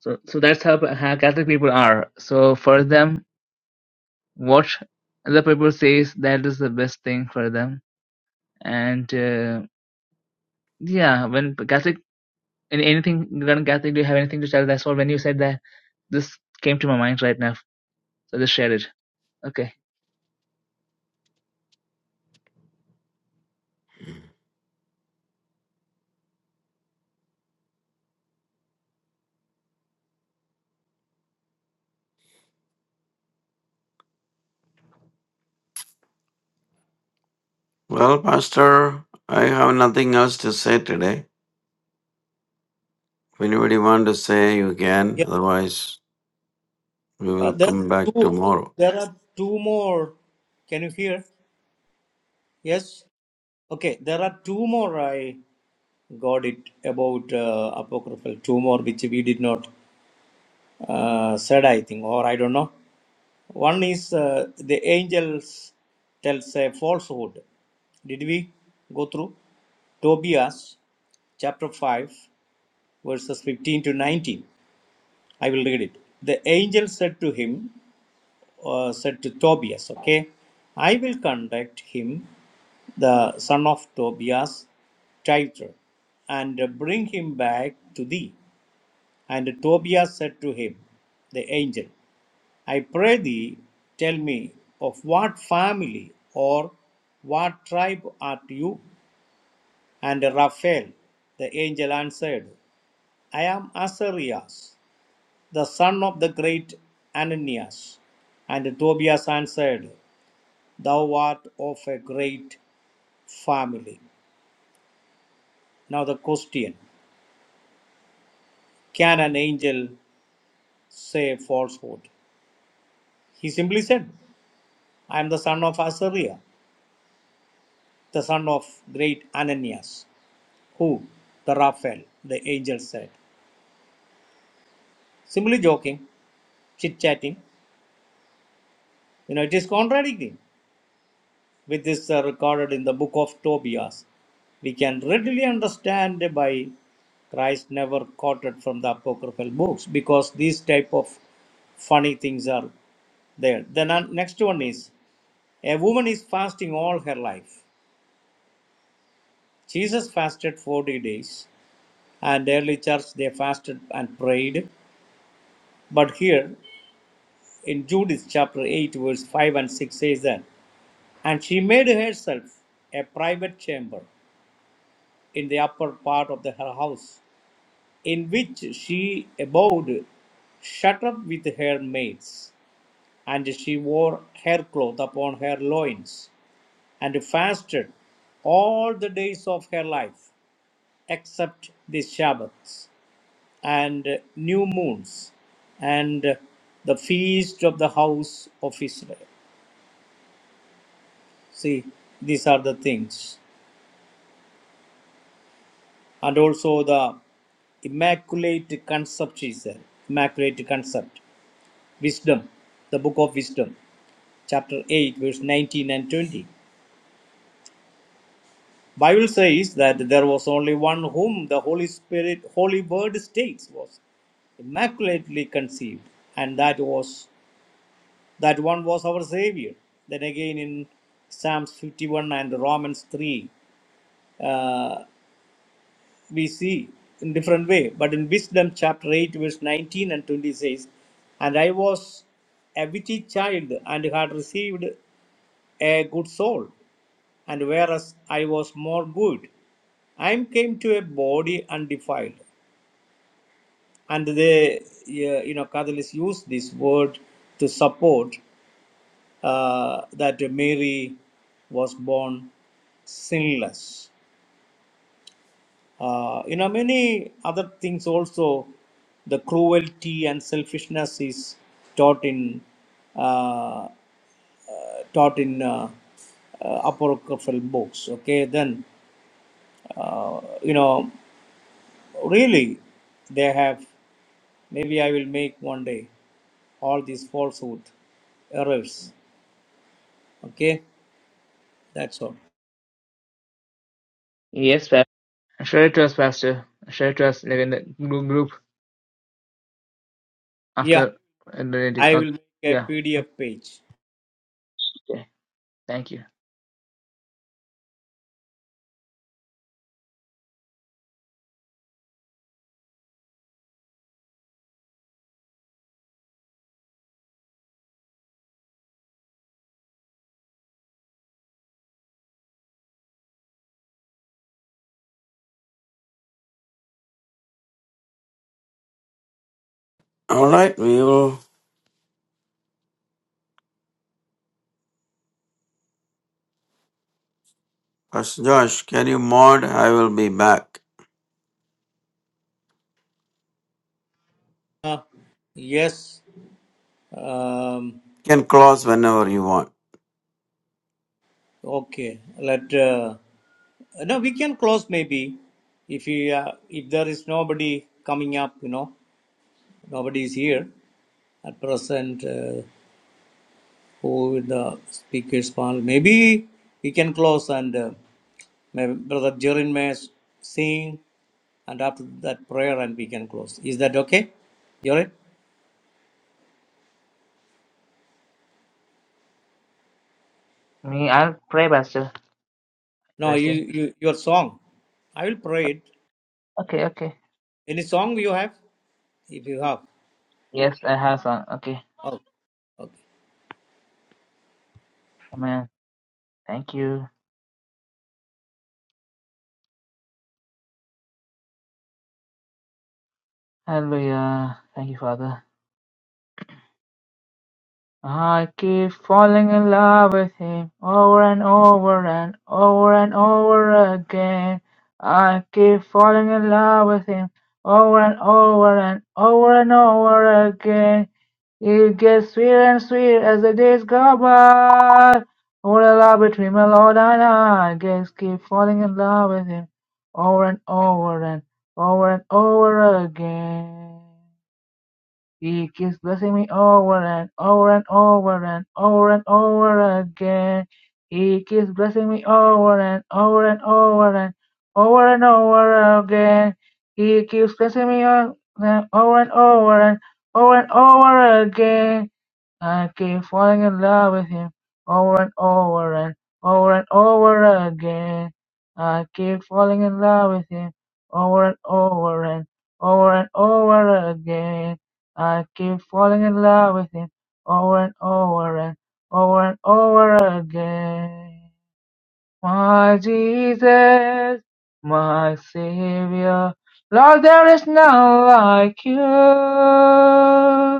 S1: So, so that's how, how Catholic people are. So for them, what other people says that is the best thing for them. And uh, yeah, when Catholic, in anything regarding Catholic, do you have anything to share? That's all. When you said that, this came to my mind right now. So just share it. Okay.
S3: Well, Pastor, I have nothing else to say today. If anybody want to say, you can.
S2: Yeah,
S3: Otherwise, we
S2: uh,
S3: will
S2: there
S3: come
S2: are
S3: back
S2: two.
S3: tomorrow.
S2: There are two more. Can you hear? Yes. Okay, there are two more. I got it about uh, apocryphal. Two more, which we did not uh, said, I think, or I don't know. One is uh, the angels tells a falsehood. Did we go through Tobias chapter 5, verses 15 to 19? I will read it. The angel said to him, uh, said to Tobias, okay, I will conduct him, the son of Tobias, tighter, and bring him back to thee. And Tobias said to him, the angel. I pray thee, tell me, of what family or what tribe art you? And Raphael, the angel, answered, I am Azarias, the son of the great Ananias. And Tobias answered, Thou art of a great family. Now, the question Can an angel say falsehood? He simply said, I am the son of Azariah, the son of great Ananias. Who? The Raphael, the angel said. Simply joking, chit chatting. You know, it is contradicting with this uh, recorded in the book of Tobias. We can readily understand by Christ never quoted from the apocryphal books because these type of funny things are there. The non- next one is a woman is fasting all her life. Jesus fasted 40 days, and early church they fasted and prayed. But here in Judith chapter 8, verse 5 and 6 says that, And she made herself a private chamber in the upper part of the, her house, in which she abode shut up with her maids. And she wore haircloth upon her loins, and fasted all the days of her life, except the Sabbaths and new moons, and the feast of the house of Israel. See, these are the things. And also the Immaculate Concept, she said. Immaculate Concept. Wisdom. The Book of Wisdom. Chapter 8, verse 19 and 20. Bible says that there was only one whom the Holy Spirit, Holy Word states was immaculately conceived and that was that one was our savior then again in psalms 51 and romans 3 uh. we see in different way but in wisdom chapter 8 verse 19 and 20 says and i was a witty child and had received a good soul and whereas i was more good i came to a body undefiled and they yeah, you know catholics use this word to support uh, that mary was born sinless Uh, you know, many other things also, the cruelty and selfishness is taught in uh, taught in uh, uh, apocryphal books. Okay, then uh, you know, really, they have. Maybe I will make one day all these falsehood errors. Okay, that's all.
S1: Yes, Pastor. Share it to us, Pastor. Share it to us like in the group, group
S2: Yeah,
S1: after in the reading.
S2: I
S1: Oh,
S2: will make a
S1: yeah.
S2: PDF page.
S1: Okay. Thank you.
S3: All right, we will. Pastor Josh, can you mod? I will be back.
S2: Uh, yes. Um,
S3: You can close whenever you want.
S2: Okay, let uh, no, we can close maybe if you uh, if there is nobody coming up, you know, nobody is here at present. Uh, who the speakers panel? Maybe we can close and uh, may brother Jorin may s- sing, and after that prayer, and we can close. Is that okay, Jorin?
S1: Me, I'll pray, Pastor.
S2: No, you,
S1: Blessing.
S2: you your song. I will pray it.
S1: Okay. Okay.
S2: Any song you have, if you have.
S1: Yes, I have a song. Okay.
S2: Oh, okay.
S1: Amen. Thank you. Hallelujah. Thank you, Father. I keep falling in love with him over and over and over and over again. I keep falling in love with him over and over and over and over again. It gets sweeter and sweeter as the days go by. What a love between my Lord and I. I guess keep falling in love with him over and over and over and over again. He keeps blessing me over and over and over and over and over again. He keeps blessing me over and over and over and over and over again. He keeps blessing me o- and over and over and over and over again. I keep falling in love with him over and over and over and over again. I keep falling in love with him over and over and over and over again. I keep falling in love with him over and over and over and over again. My Jesus, my Savior, Lord, there is none like you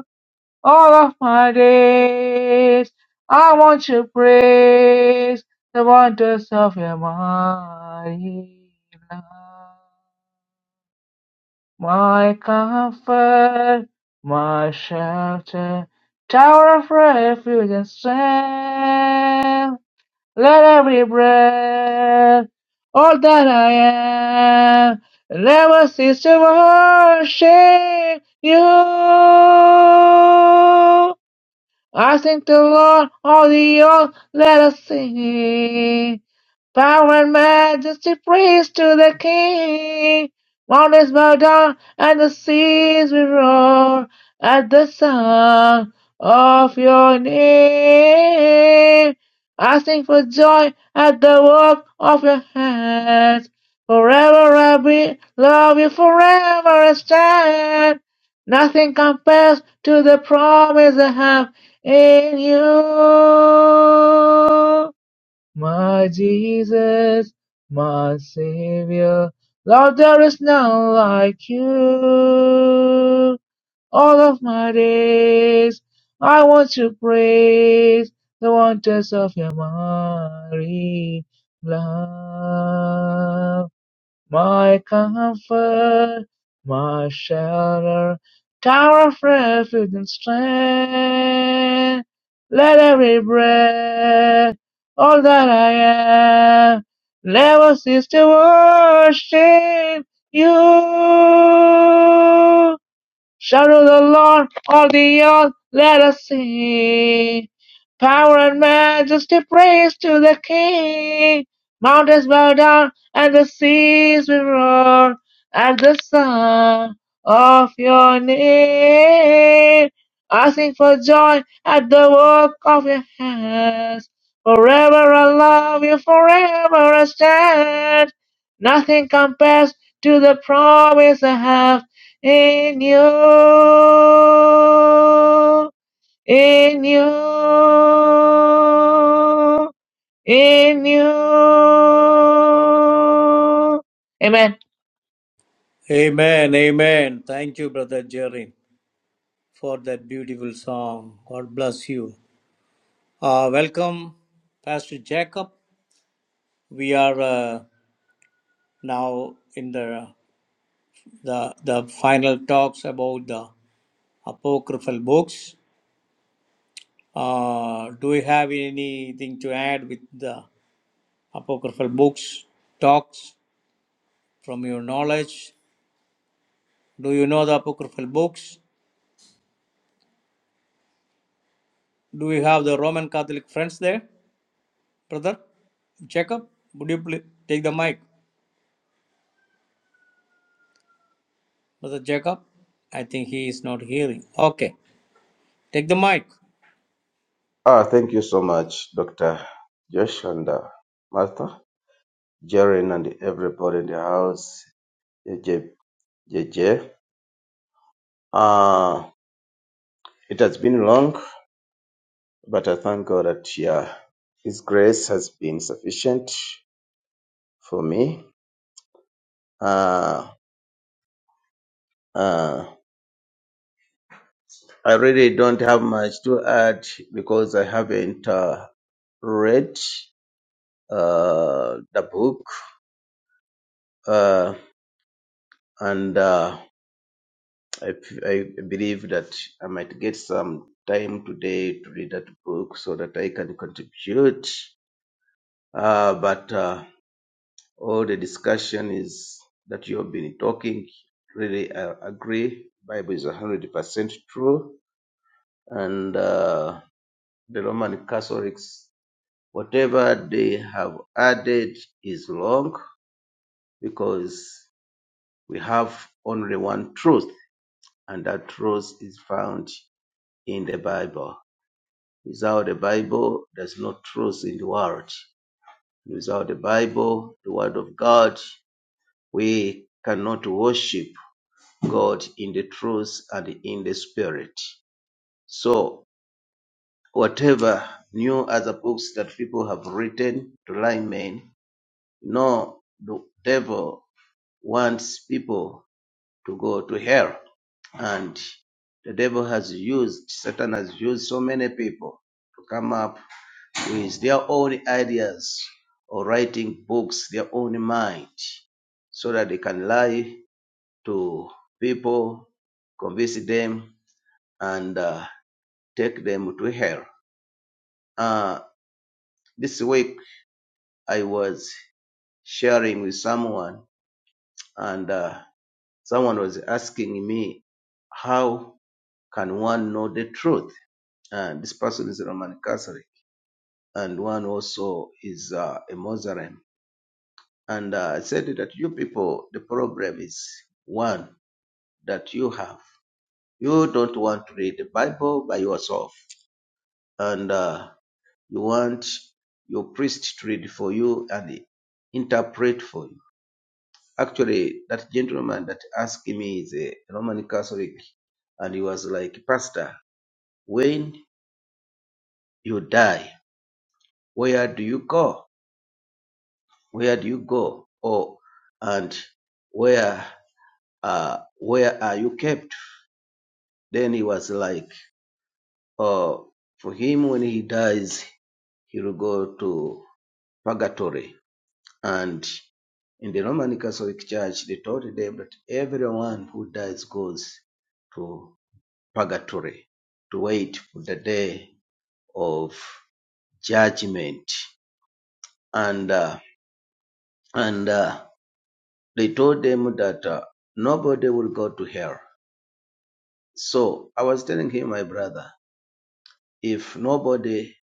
S1: all of my days. I want to praise the wonders of your mighty love. My comfort, my shelter, tower of refuge and strength. Let every breath, all that I am, never cease to worship you. I thank the Lord of the earth, let us sing. Power and majesty, praise to the King. Mountains bow down and the seas will roar at the sound of your name. I sing for joy at the work of your hands. Forever I will love you, forever I stand. Nothing compares to the promise I have. In you, my Jesus, my Savior, Lord, there is none like you. All of my days, I want to praise the wonders of your mighty love my comfort, my shelter, tower of refuge and strength. Let every breath, all that I am, never cease to worship you. Shout to the Lord of the earth, let us sing. Power and majesty, praise to the King. Mountains bow down and the seas will roar at the sound of your name. I sing for joy at the work of your hands. Forever I love you, forever I stand. Nothing compares to the promise I have. Enyo, Enyo, Enyo. Amen.
S2: Amen, amen. Thank you, brother Jorin. for that beautiful song. God bless you. Uh, welcome, Pastor Jacob. We are uh, now in the, the the final talks about the apocryphal books. Uh, do we have anything to add with the apocryphal books talks from your knowledge? Do you know the apocryphal books? Do we have the Roman Catholic friends there, brother? Jacob, would you please take the mic? Brother Jacob, I think he is not hearing. Okay, take the mic.
S4: Ah, thank you so much, Dr. Josh and uh, Martha, Jaren, and everybody in the house. J J J. J. Ah, it has been long, but I thank God that yeah, His grace has been sufficient for me. Ah, ah, I really don't have much to add because I haven't uh, read uh, the book, uh, and. Uh, I I believe that I might get some time today to read that book so that I can contribute. Uh, but uh, all the discussion is that you have been talking, really uh, agree. Bible is 100% true. And uh, the Roman Catholics, whatever they have added is wrong because we have only one truth, and that truth is found in the Bible Without the Bible, there's no truth in the world. Without the Bible, the Word of God, we cannot worship God in the truth and in the Spirit. So, whatever new other books that people have written to lie men, no, the devil wants people to go to hell. And the devil has used, Satan has used so many people to come up. with their own ideas or writing books, their own mind, so that they can lie to people, convince them, and uh, take them to hell. Uh, this week, I was sharing with someone, and uh, someone was asking me, How can one know the truth? And this person is Roman Catholic, and one also is uh, a Muslim and uh, said that you people, the problem is one that you have. You don't want to read the Bible by yourself, and uh, you want your priest to read for you and interpret for you. Actually, that gentleman that asked me is a Roman Catholic, and he was like, Pastor, when you die, where do you go? Where do you go? Oh, and where uh, where are you kept? Then he was like Uh, for him, when he dies, he will go to purgatory. And in the Roman Catholic Church, they taught them that everyone who dies goes to purgatory to wait for the day of judgment. And uh, and uh, they told them that uh, nobody will go to hell. So I was telling him, my brother, if nobody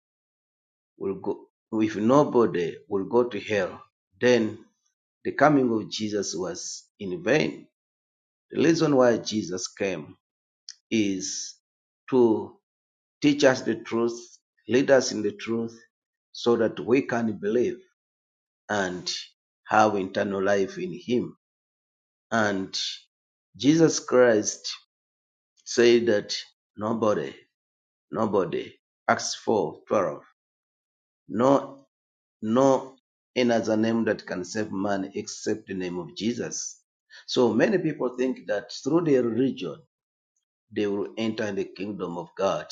S4: will go, if nobody will go to hell, then the coming of Jesus was in vain. The reason why Jesus came is to teach us the truth, lead us in the truth, so that we can believe and have eternal life in Him. And Jesus Christ said that nobody, nobody, Acts 4 12, no, no, in other name that can save man except the name of Jesus. So many people think that through their religion, they will enter the kingdom of God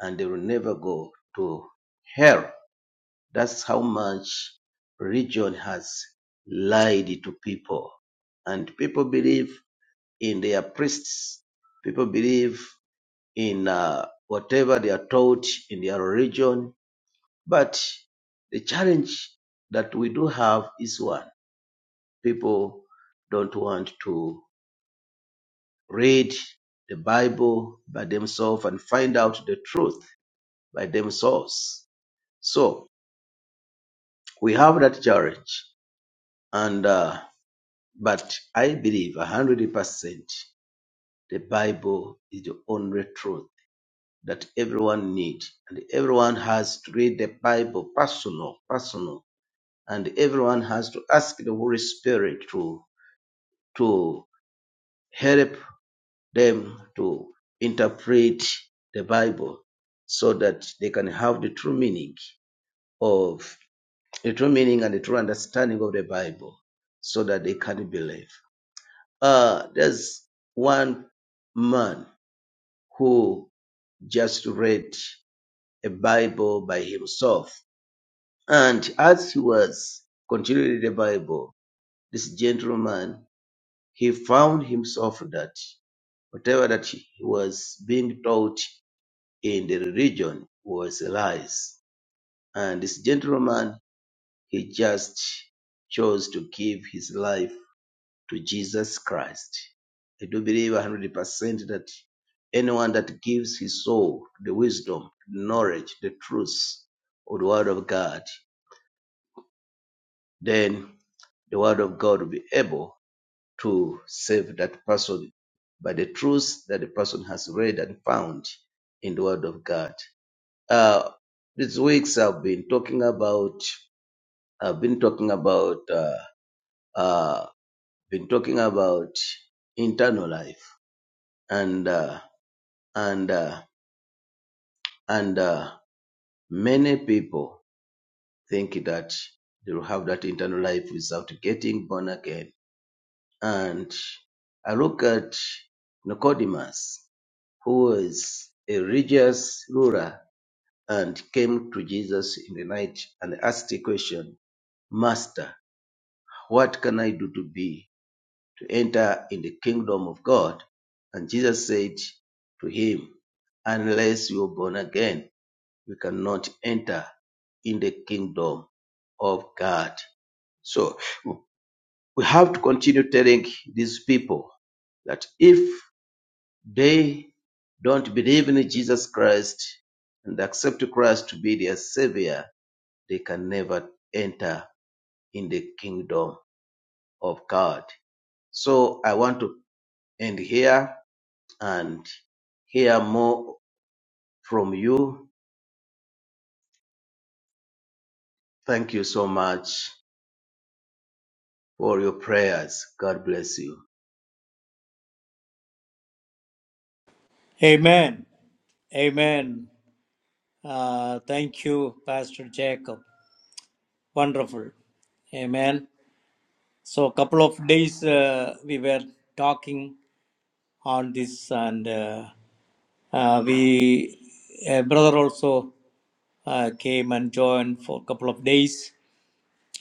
S4: and they will never go to hell. That's how much religion has lied to people. And people believe in their priests. People believe in uh, whatever they are taught in their religion. But the challenge that we do have is one. People don't want to read the Bible by themselves and find out the truth by themselves. So we have that challenge, and uh, but I believe a hundred percent the Bible is the only truth that everyone needs, and everyone has to read the Bible personal, personal, and everyone has to ask the Holy Spirit to to help them to interpret the Bible so that they can have the true meaning of the true meaning and the true understanding of the Bible so that they can believe. Uh, there's one man who just read a Bible by himself. And as he was continuing the Bible, this gentleman, he found himself that whatever that he was being taught in the religion was lies. And this gentleman, he just chose to give his life to Jesus Christ. I do believe 100% that anyone that gives his soul to the wisdom, the knowledge, the truth of the Word of God, then the Word of God will be able to save that person by the truth that the person has read and found in the Word of God. Uh, these weeks I've been talking about, I've been talking about, uh, uh, been talking about internal life and. uh, and uh, and uh, many people think that they will have that internal life without getting born again. And I look at Nicodemus, who is a religious ruler and came to Jesus in the night and asked the question, Master, what can I do to be to enter in the kingdom of God? And Jesus said to him, Unless you're born again, you cannot enter in the kingdom of God. So we have to continue telling these people that if they don't believe in Jesus Christ and accept Christ to be their savior, they can never enter in the kingdom of God. So I want to end here and hear more from you. Thank you so much for your prayers. God bless you.
S2: Amen. Amen. Uh, thank you, Pastor Jacob. Wonderful. Amen. So, a couple of days uh, we were talking on this, and uh, uh, we a brother also uh, came and joined for a couple of days,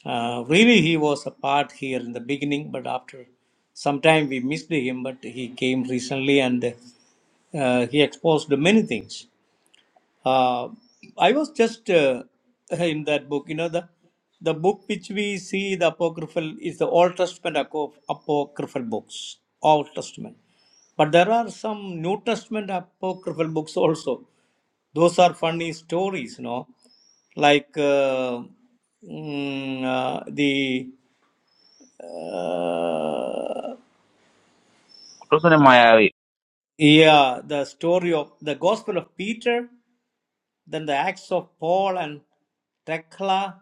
S2: Uh, really, he was a part here in the beginning, but after some time we missed him. But he came recently and uh, he exposed many things. Uh, I was just uh, in that book. You know the the book which we see the apocryphal is the Old Testament aco- apocryphal books, Old Testament. But there are some New Testament apocryphal books also. Those are funny stories, you know, like uh, mm, uh, the uh,
S1: Kutoka Mayawi.
S2: yeah the story of the Gospel of Peter, then the Acts of Paul and Thecla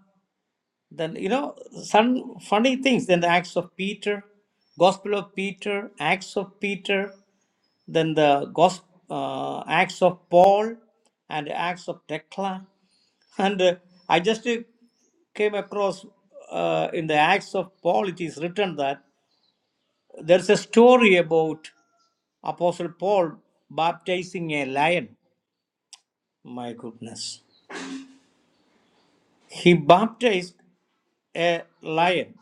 S2: then you know some funny things then the acts of peter gospel of peter acts of peter then the gospel uh, acts of paul and acts of Thecla. [laughs] and uh, i just uh, came across uh, in the acts of paul it is written that there's a story about apostle paul baptizing a lion my goodness he baptized a lion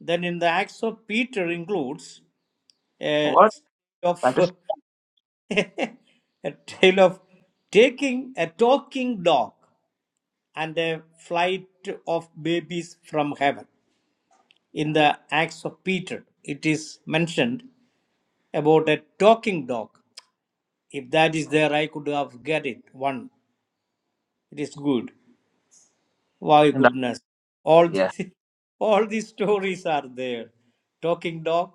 S2: Then in the Acts of Peter includes a
S1: What? That is
S2: of [laughs] a tale of taking a talking dog and a flight of babies from heaven. In the Acts of Peter, it is mentioned about a talking dog. If that is there, I could have get it. One, it is good. Why
S1: in the
S2: goodness? All [laughs]
S1: yeah.
S2: these, all these stories are there. Talking dog,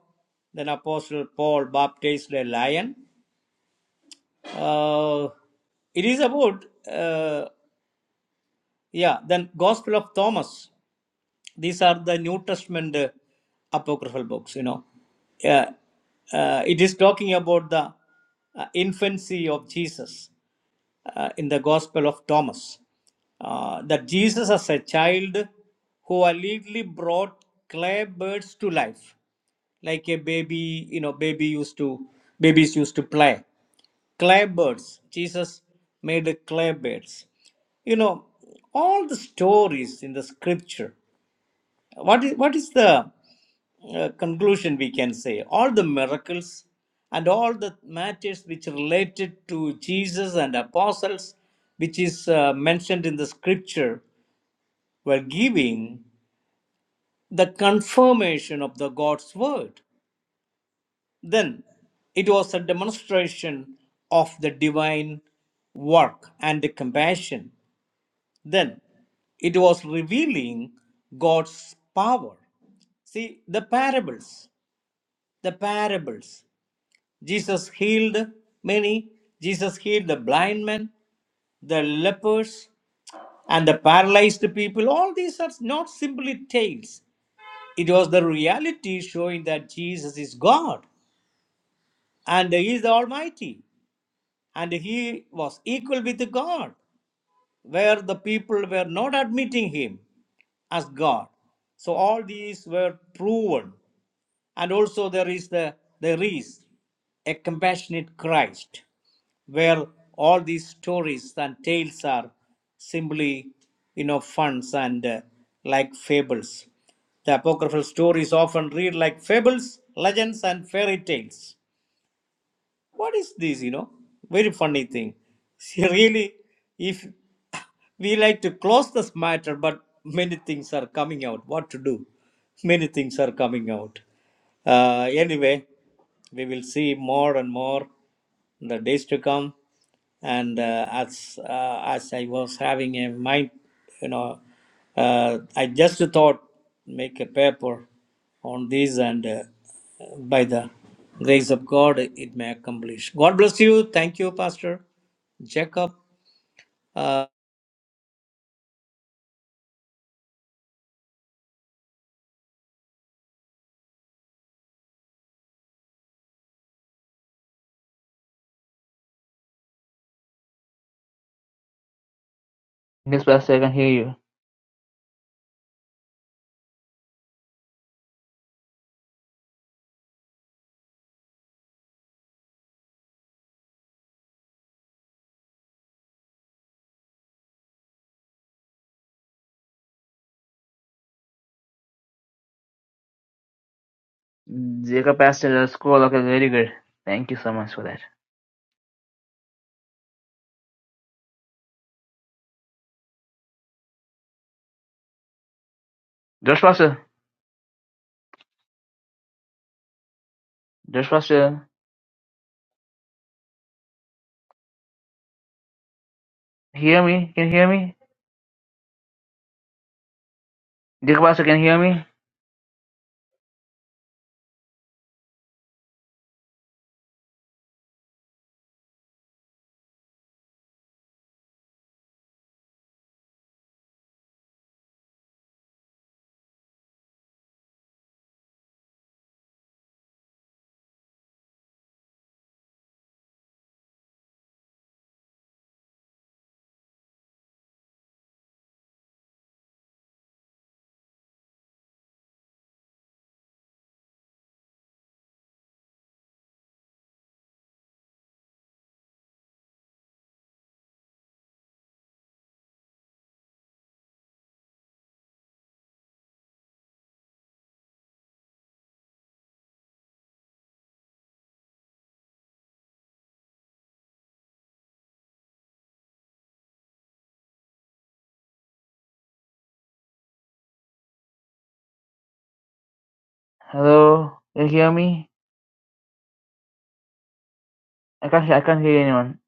S2: then Apostle Paul baptized a lion. Uh, it is about, uh, yeah, then Gospel of Thomas. These are the New Testament uh, apocryphal books, you know. Yeah, uh, it is talking about the uh, infancy of Jesus uh, in the Gospel of Thomas. Uh, that Jesus, as a child, who allegedly brought clay birds to life, like a baby, you know, baby used to babies used to play clay birds. Jesus made clay birds. You know, all the stories in the scripture, what is, what is the uh, conclusion we can say? All the miracles and all the matters which related to Jesus and apostles, which is uh, mentioned in the scripture, were giving the confirmation of the God's word. Then it was a demonstration of the divine work and the compassion. Then it was revealing God's power. See, the parables, the parables. Jesus healed many, Jesus healed the blind men, the lepers, and the paralyzed people. All these are not simply tales. It was the reality showing that Jesus is God and He is the Almighty. and he was equal with God, where the people were not admitting him as God. So all these were proven, and also there is the there is a compassionate Christ, where all these stories and tales are simply you know funs and uh, like fables. The apocryphal stories often read like fables, legends, and fairy tales what is this you know very funny thing [laughs] she really if [laughs] we like to close this matter but many things are coming out what to do [laughs] many things are coming out uh, anyway we will see more and more the days to come. And uh, as uh, as I was having a mind, you know, uh, I just thought make a paper on this, and uh, by the grace of God, it may accomplish. God bless you. Thank you, Pastor Jacob. Uh,
S1: Yes, Pastor, I can hear you. Jacob Pastor, that's cool. Okay, very good. Thank you so much for that. Josh Pastor, Josh Pastor, hear me? Can you hear me? Jacob Pastor, can you hear me? Hello, can you hear me? I can't. I can't hear anyone.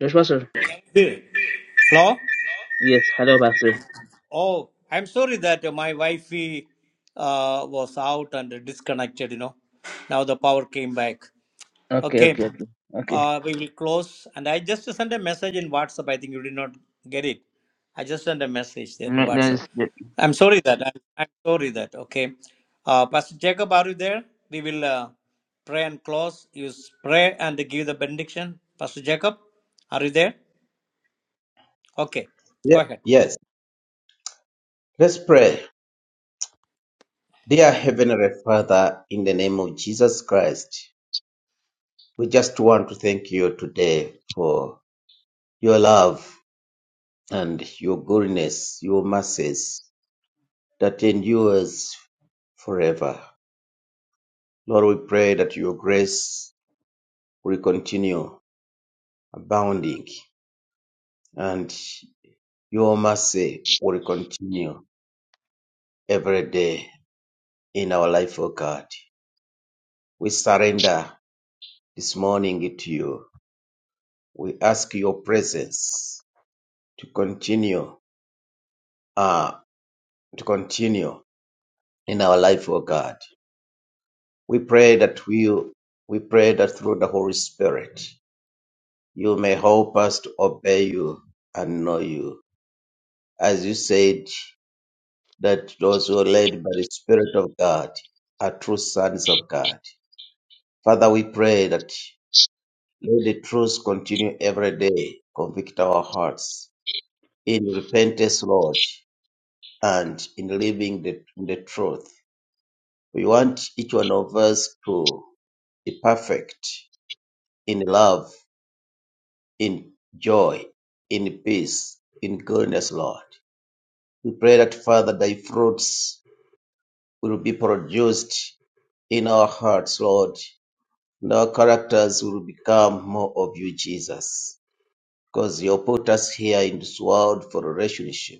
S1: Josh Pastor.
S2: Hey. Hello.
S1: Yes, hello, Pastor.
S2: Oh, I'm sorry that my wifey uh, was out and disconnected. You know, now the power came back.
S1: Okay,
S2: Okay,
S1: okay, okay, okay.
S2: uh, we will close. And I just sent a message in WhatsApp. I think you did not get it. I just sent a message there in
S1: No, no,
S2: WhatsApp.
S1: it's
S2: I'm sorry that. I'm, I'm sorry that. Okay. Uh, Pastor Jacob, are you there? We will uh, pray and close. You s- pray and give the benediction. Pastor Jacob, are you there? Okay.
S4: Yeah.
S2: Go ahead.
S4: Yes. Let's pray. Dear Heavenly Father, in the name of Jesus Christ, we just want to thank you today for your love and your goodness, your mercies that endures forever. Lord, we pray that your grace will continue abounding and your mercy will continue every day in our life, O God. We surrender this morning to you. We ask your presence to continue uh, to continue in our life, O God. We pray that we we pray that through the Holy Spirit you may help us to obey you and know you. As you said that those who are led by the Spirit of God are true sons of God. Father, we pray that let the truth continue every day, convict our hearts in repentance, Lord, and in living the, in the truth. We want each one of us to be perfect in love, in joy, in peace, in goodness, Lord. We pray that, Father, thy fruits will be produced in our hearts, Lord, and our characters will become more of you, Jesus, because you put us here in this world for a relationship.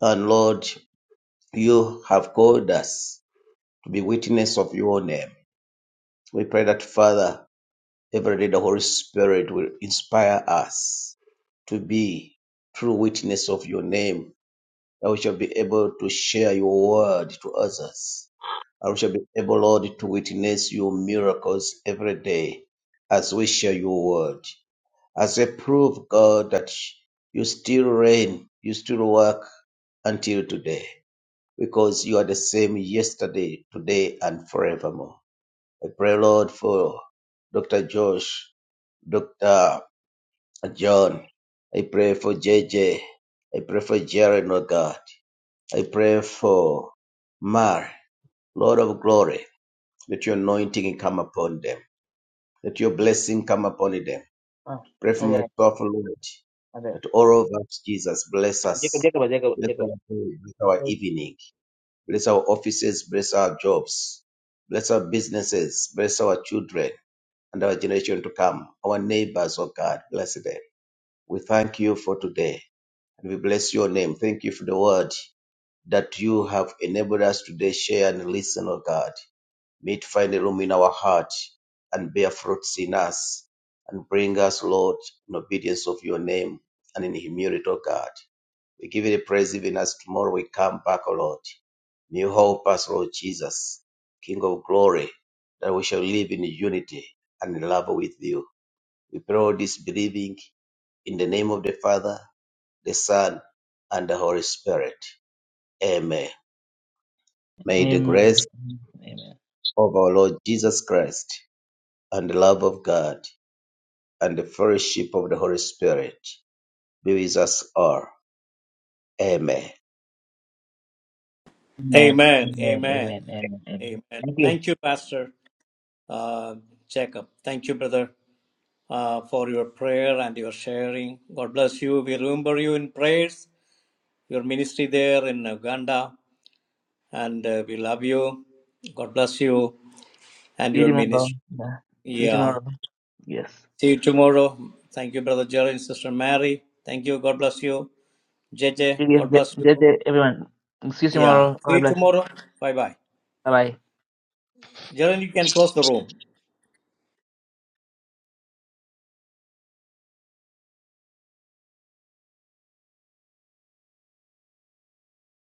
S4: And Lord, you have called us to be witness of your name. We pray that, Father, Every day the Holy Spirit will inspire us to be true witness of your name, that we shall be able to share your word to others. And we shall be able, Lord, to witness your miracles every day as we share your word. As a proof, God, that you still reign, you still work until today, because you are the same yesterday, today, and forevermore. I pray, Lord, for Dr. Josh, Dr. John. I pray for J J. I pray for Jared, Lord God. I pray for Mar, Lord of glory. Let your anointing come upon them. Let your blessing come upon them.
S1: Oh,
S4: Pray for
S1: oh, yeah,
S4: myself, Lord,
S1: okay.
S4: that all of us, Jesus, bless
S1: Jacob,
S4: us.
S1: Jacob, Jacob,
S4: Bless
S1: Jacob.
S4: our day, bless our
S1: Sorry.
S4: evening. Bless our offices, bless our jobs. Bless our businesses, bless our children and our generation to come. Our neighbors, oh God, bless them. We thank you for today. And we bless your name. Thank you for the word that you have enabled us today share and listen, O God. May it find a room in our heart and bear fruits in us and bring us, Lord, in obedience of your name and in humility, O God. We give you the praise even as tomorrow we come back, O Lord. May you help us, Lord Jesus, King of glory, that we shall live in unity and in love with you. We pray all this believing in the name of the Father the Son, and the Holy Spirit. Amen. May the
S1: Amen.
S4: grace
S1: Amen.
S4: of our Lord Jesus Christ and the love of God and the fellowship of the Holy Spirit be with us all. Amen.
S1: Amen.
S2: Amen.
S1: Amen.
S2: Amen.
S1: Amen. Amen. Amen.
S2: Amen.
S1: Thank you.
S2: Thank you, Pastor uh, Jacob. Thank you, brother. uh, for your prayer and your sharing. God bless you. We remember you in prayers, your ministry there in Uganda, and uh, we love you. God bless you and
S1: See you
S2: your
S1: tomorrow.
S2: ministry.
S1: Yeah. See you
S2: Yeah.
S1: tomorrow. Yes.
S2: See you tomorrow. Thank you, Brother Jerry and Sister Mary. Thank you. God bless you. J J.
S1: See you,
S2: God bless you.
S1: everyone. See you
S2: Yeah.
S1: tomorrow.
S2: See
S1: God
S2: you
S1: bless.
S2: tomorrow. Bye bye.
S1: Bye bye.
S2: Jerry, you can close the room.